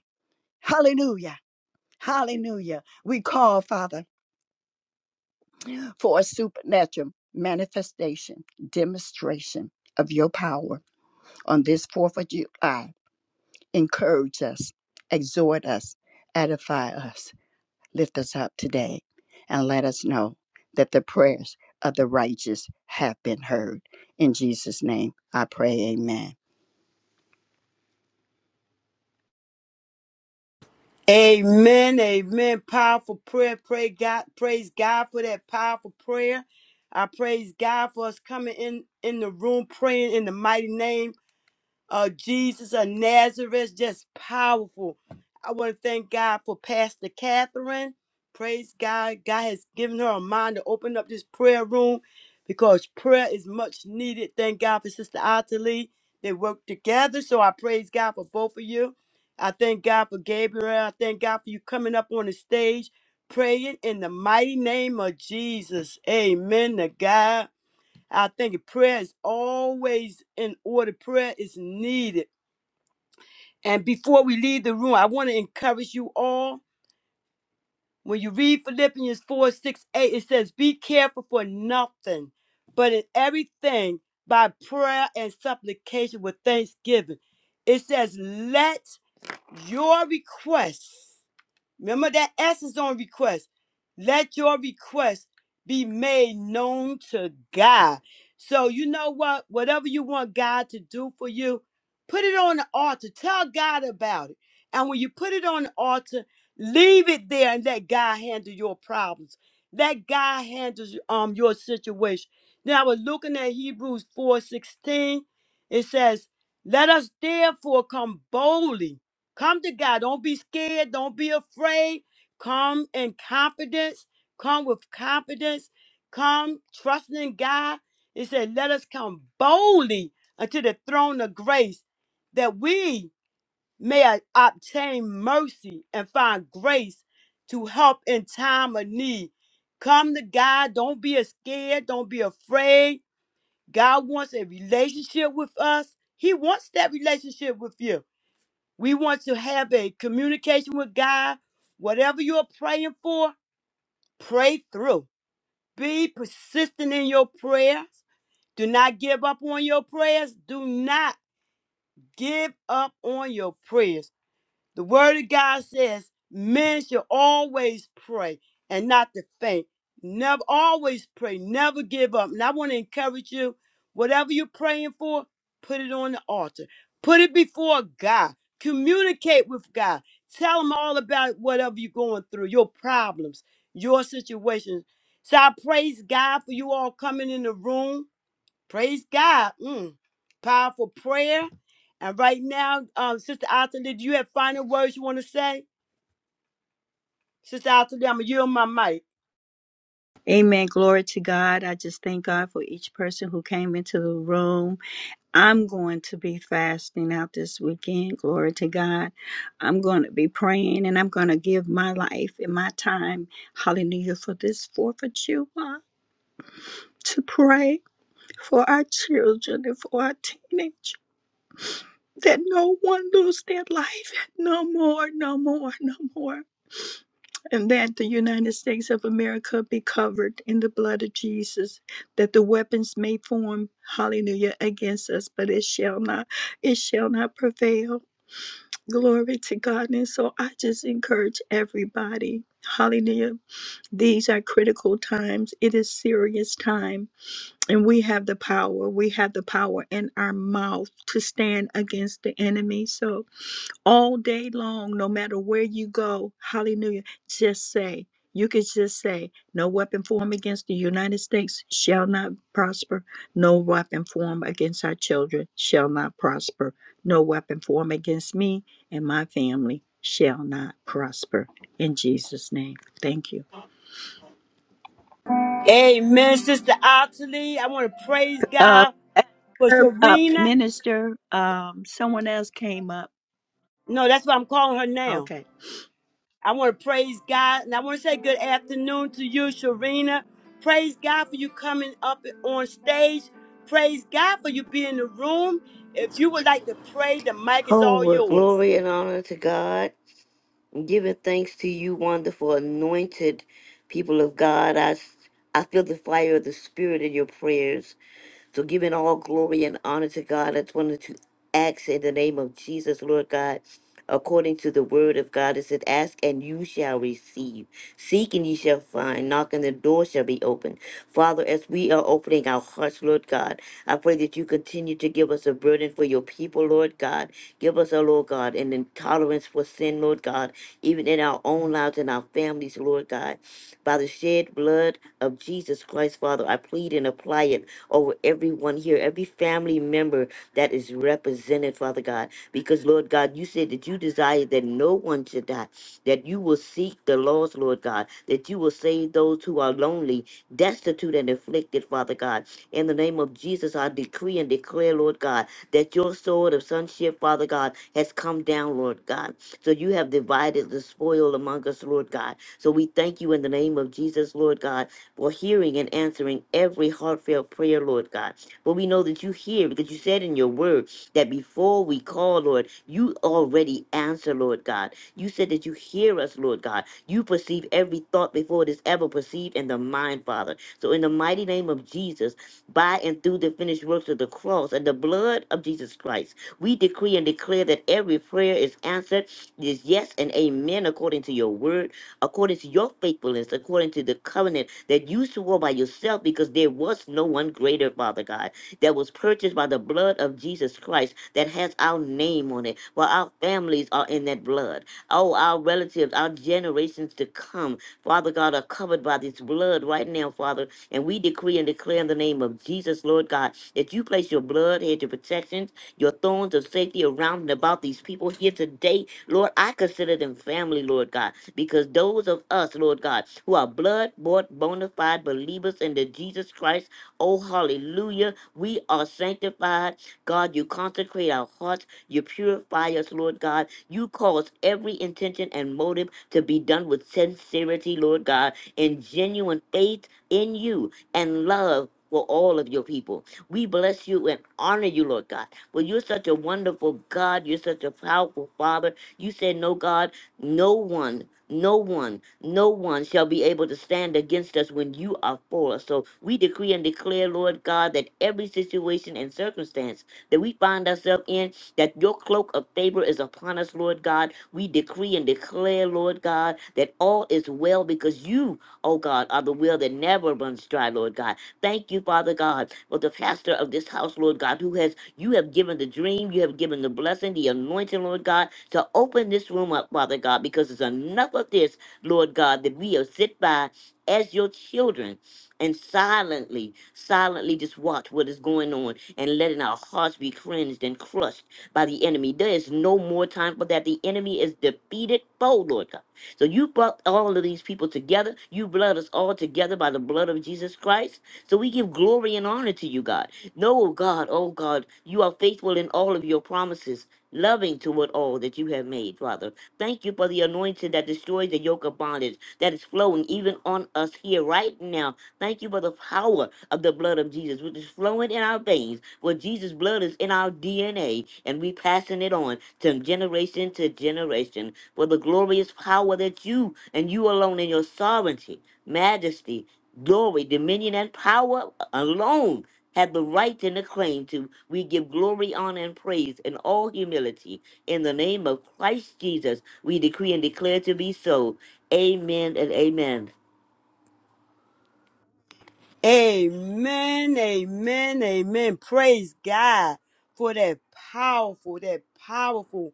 Speaker 3: Hallelujah. Hallelujah. We call, Father for a supernatural manifestation, demonstration of your power on this 4th of July. Encourage us, exhort us, edify us, lift us up today, and let us know that the prayers of the righteous have been heard. In Jesus' name, I pray, amen.
Speaker 1: Amen. Amen. Powerful prayer. Pray God. Praise God for that powerful prayer. I praise God for us coming in in the room praying in the mighty name uh, Jesus of Nazareth, just powerful. I want to thank God for Pastor Catherine. Praise God. God has given her a mind to open up this prayer room because prayer is much needed. Thank God for Sister Ottilie. They work together. So I praise God for both of you. I thank God for Gabriel. I thank God for you coming up on the stage praying in the mighty name of Jesus. Amen to God. I think prayer is always in order. Prayer is needed. And before we leave the room, I want to encourage you all. When you read Philippians 4 6 8, it says, Be careful for nothing, but in everything by prayer and supplication with thanksgiving. It says, Let your requests Remember that S is on request. Let your request be made known to God. So you know what? Whatever you want God to do for you, put it on the altar. Tell God about it. And when you put it on the altar, leave it there and let God handle your problems. Let God handle um your situation. Now I was looking at Hebrews 4:16. It says, Let us therefore come boldly Come to God. Don't be scared. Don't be afraid. Come in confidence. Come with confidence. Come trusting in God. It said, Let us come boldly unto the throne of grace that we may a- obtain mercy and find grace to help in time of need. Come to God. Don't be scared. Don't be afraid. God wants a relationship with us, He wants that relationship with you. We want to have a communication with God. Whatever you're praying for, pray through. Be persistent in your prayers. Do not give up on your prayers. Do not give up on your prayers. The word of God says men should always pray and not to faint. Never always pray, never give up. And I want to encourage you, whatever you're praying for, put it on the altar. Put it before God. Communicate with God. Tell him all about whatever you're going through, your problems, your situations. So I praise God for you all coming in the room. Praise God. Mm. Powerful prayer. And right now, um, Sister Atalie, do you have final words you want to say? Sister Atalie, I'm going to yield my mic.
Speaker 3: Amen. Glory to God. I just thank God for each person who came into the room. I'm going to be fasting out this weekend. Glory to God. I'm going to be praying and I'm going to give my life and my time, hallelujah, for this 4th of July to pray for our children and for our teenagers that no one lose their life. No more, no more, no more and that the United States of America be covered in the blood of Jesus, that the weapons may form, hallelujah, against us, but it shall not, it shall not prevail. Glory to God. And so I just encourage everybody. Hallelujah. These are critical times. It is serious time and we have the power. We have the power in our mouth to stand against the enemy. So all day long, no matter where you go, hallelujah, just say, you could just say, no weapon formed against the United States shall not prosper. No weapon formed against our children shall not prosper. No weapon formed against me and my family shall not prosper. In Jesus' name, thank you.
Speaker 1: Amen, Sister Atalie. I want to praise
Speaker 3: Uh,
Speaker 1: God
Speaker 3: as
Speaker 1: for
Speaker 3: per- uh,
Speaker 1: Sharina.
Speaker 3: minister, um, someone else came up.
Speaker 1: No, that's what I'm calling her now.
Speaker 3: Okay.
Speaker 1: I want to praise God and I want to say good afternoon to you, Sharina. Praise God for you coming up on stage. Praise God for you being in the room. If you would like to pray, the mic is
Speaker 4: Oh,
Speaker 1: all
Speaker 4: well,
Speaker 1: yours.
Speaker 4: glory and honor to God. Giving thanks to you, wonderful, anointed people of God. I, s- I feel the fire of the Spirit in your prayers. So, giving all glory and honor to God, I just wanted to ask in the name of Jesus, Lord God, according to the word of God, it said, Ask and you shall receive. Seek and ye shall find. Knock and the door shall be opened. Father, as we are opening our hearts, Lord God, I pray that you continue to give us a burden for your people, Lord God Give us, oh Lord God, an intolerance for sin, Lord God, even in our own lives and our families, Lord God. By the shed blood of Jesus Christ, Father, I plead and apply it over everyone here, every family member that is represented, Father God. Because, Lord God, you said that you desire that no no one should die, that you will seek the lost, Lord God, that you will save those who are lonely, destitute, and afflicted, Father God. In the name of Jesus, I decree and declare, Lord God, that your sword of sonship, Father God, has come down, Lord God. So you have divided the spoil among us, Lord God. So we thank you in the name of Jesus, Lord God, for hearing and answering every heartfelt prayer, Lord God. But we know that you hear because you said in your word that before we call, Lord, you already answer, Lord God. You said that you hear us, Lord God. You perceive every thought before it is ever perceived in the mind, Father. So in the mighty name of Jesus, by and through the finished works of the cross and the blood of Jesus Christ, we decree and declare that every prayer is answered, is yes and amen according to your word according to your faithfulness, according to the covenant that you swore by yourself, because there was no one greater, Father God, that was purchased by the blood of Jesus Christ that has our name on it. For our families are in that blood. Oh, our relatives, our generations to come, Father God, are covered by this blood right now, Father. And we decree and declare in the name of Jesus, Lord God, that you place your blood here to protection your thorns of safety around and about these people here today. Lord, I consider them family, Lord God, because those of us, Lord God, who are blood bought, bona fide believers in the Jesus Christ, oh, hallelujah, we are sanctified. God, you consecrate our hearts, you purify us, Lord God. You cause every intention and motive to be done with sincerity, Lord God, and genuine faith in you and love. For all of your people, we bless you and honor you, Lord God. Well, you're such a wonderful God. You're such a powerful Father. You said, No, God, no one, no one, no one shall be able to stand against us when you are for us. So we decree and declare, Lord God, that every situation and circumstance that we find ourselves in, that your cloak of favor is upon us, Lord God. We decree and declare, Lord God, that all is well because you, oh God, are the well that never runs dry, Lord God. Thank you, Father God, for the pastor of this house, Lord God, who has you have given the dream, you have given the blessing, the anointing, Lord God, to open this room up, Father God, because it's enough of this, Lord God, that we have sit by as your children and silently, silently just watch what is going on and letting our hearts be cleansed and crushed by the enemy. There is no more time for that. The enemy is defeated foe, Lord God. So you brought all of these people together. You blood us all together by the blood of Jesus Christ. So we give glory and honor to you, God. No, God, oh God, you are faithful in all of your promises, loving toward all that you have made, Father. Thank you for the anointing that destroys the yoke of bondage that is flowing even on us here right now Thank you for the power of the blood of Jesus, which is flowing in our veins. For Jesus' blood is in our DNA, and we passing it on to generation to generation. For the glorious power that you and you alone in your sovereignty, majesty, glory, dominion, and power alone have the right and the claim to. We give glory, honor, and praise in all humility. In the name of Christ Jesus, we decree and declare to be so. Amen and amen.
Speaker 1: Amen, amen, amen. Praise God for that powerful, that powerful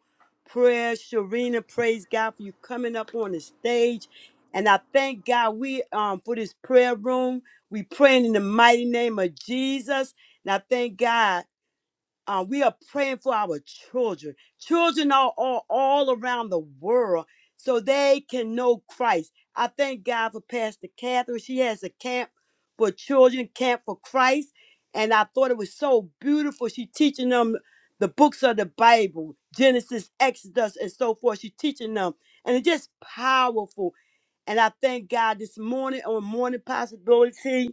Speaker 1: prayer. Sharina, praise God for you coming up on the stage. And I thank God we um for this prayer room. We praying in the mighty name of Jesus. And I thank God. Uh, we are praying for our children. Children are all, all around the world so they can know Christ. I thank God for Pastor Catherine. She has a camp for children, Camp for Christ. And I thought it was so beautiful. She teaching them the books of the Bible, Genesis, Exodus, and so forth. She teaching them. And it's just powerful. And I thank God this morning on Morning Possibility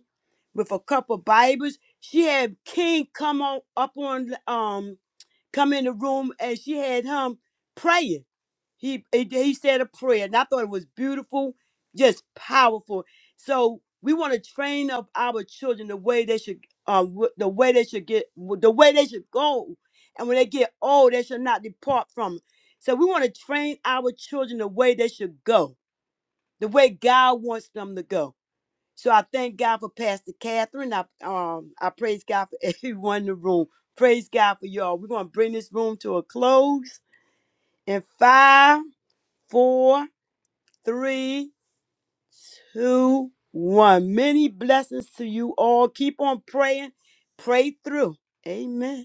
Speaker 1: with a couple Bibles. She had King come on up on um come in the room and she had him praying. He he, he said a prayer, and I thought it was beautiful, just powerful. So we want to train up our children the way they should, uh, w- the way they should get, the way they should go, and when they get old, they should not depart from. it. So we want to train our children the way they should go, the way God wants them to go. So I thank God for Pastor Catherine. I um I praise God for everyone in the room. Praise God for y'all. We're gonna bring this room to a close in five, four, three, two, one. Many blessings to you all. Keep on praying. Pray through. Amen.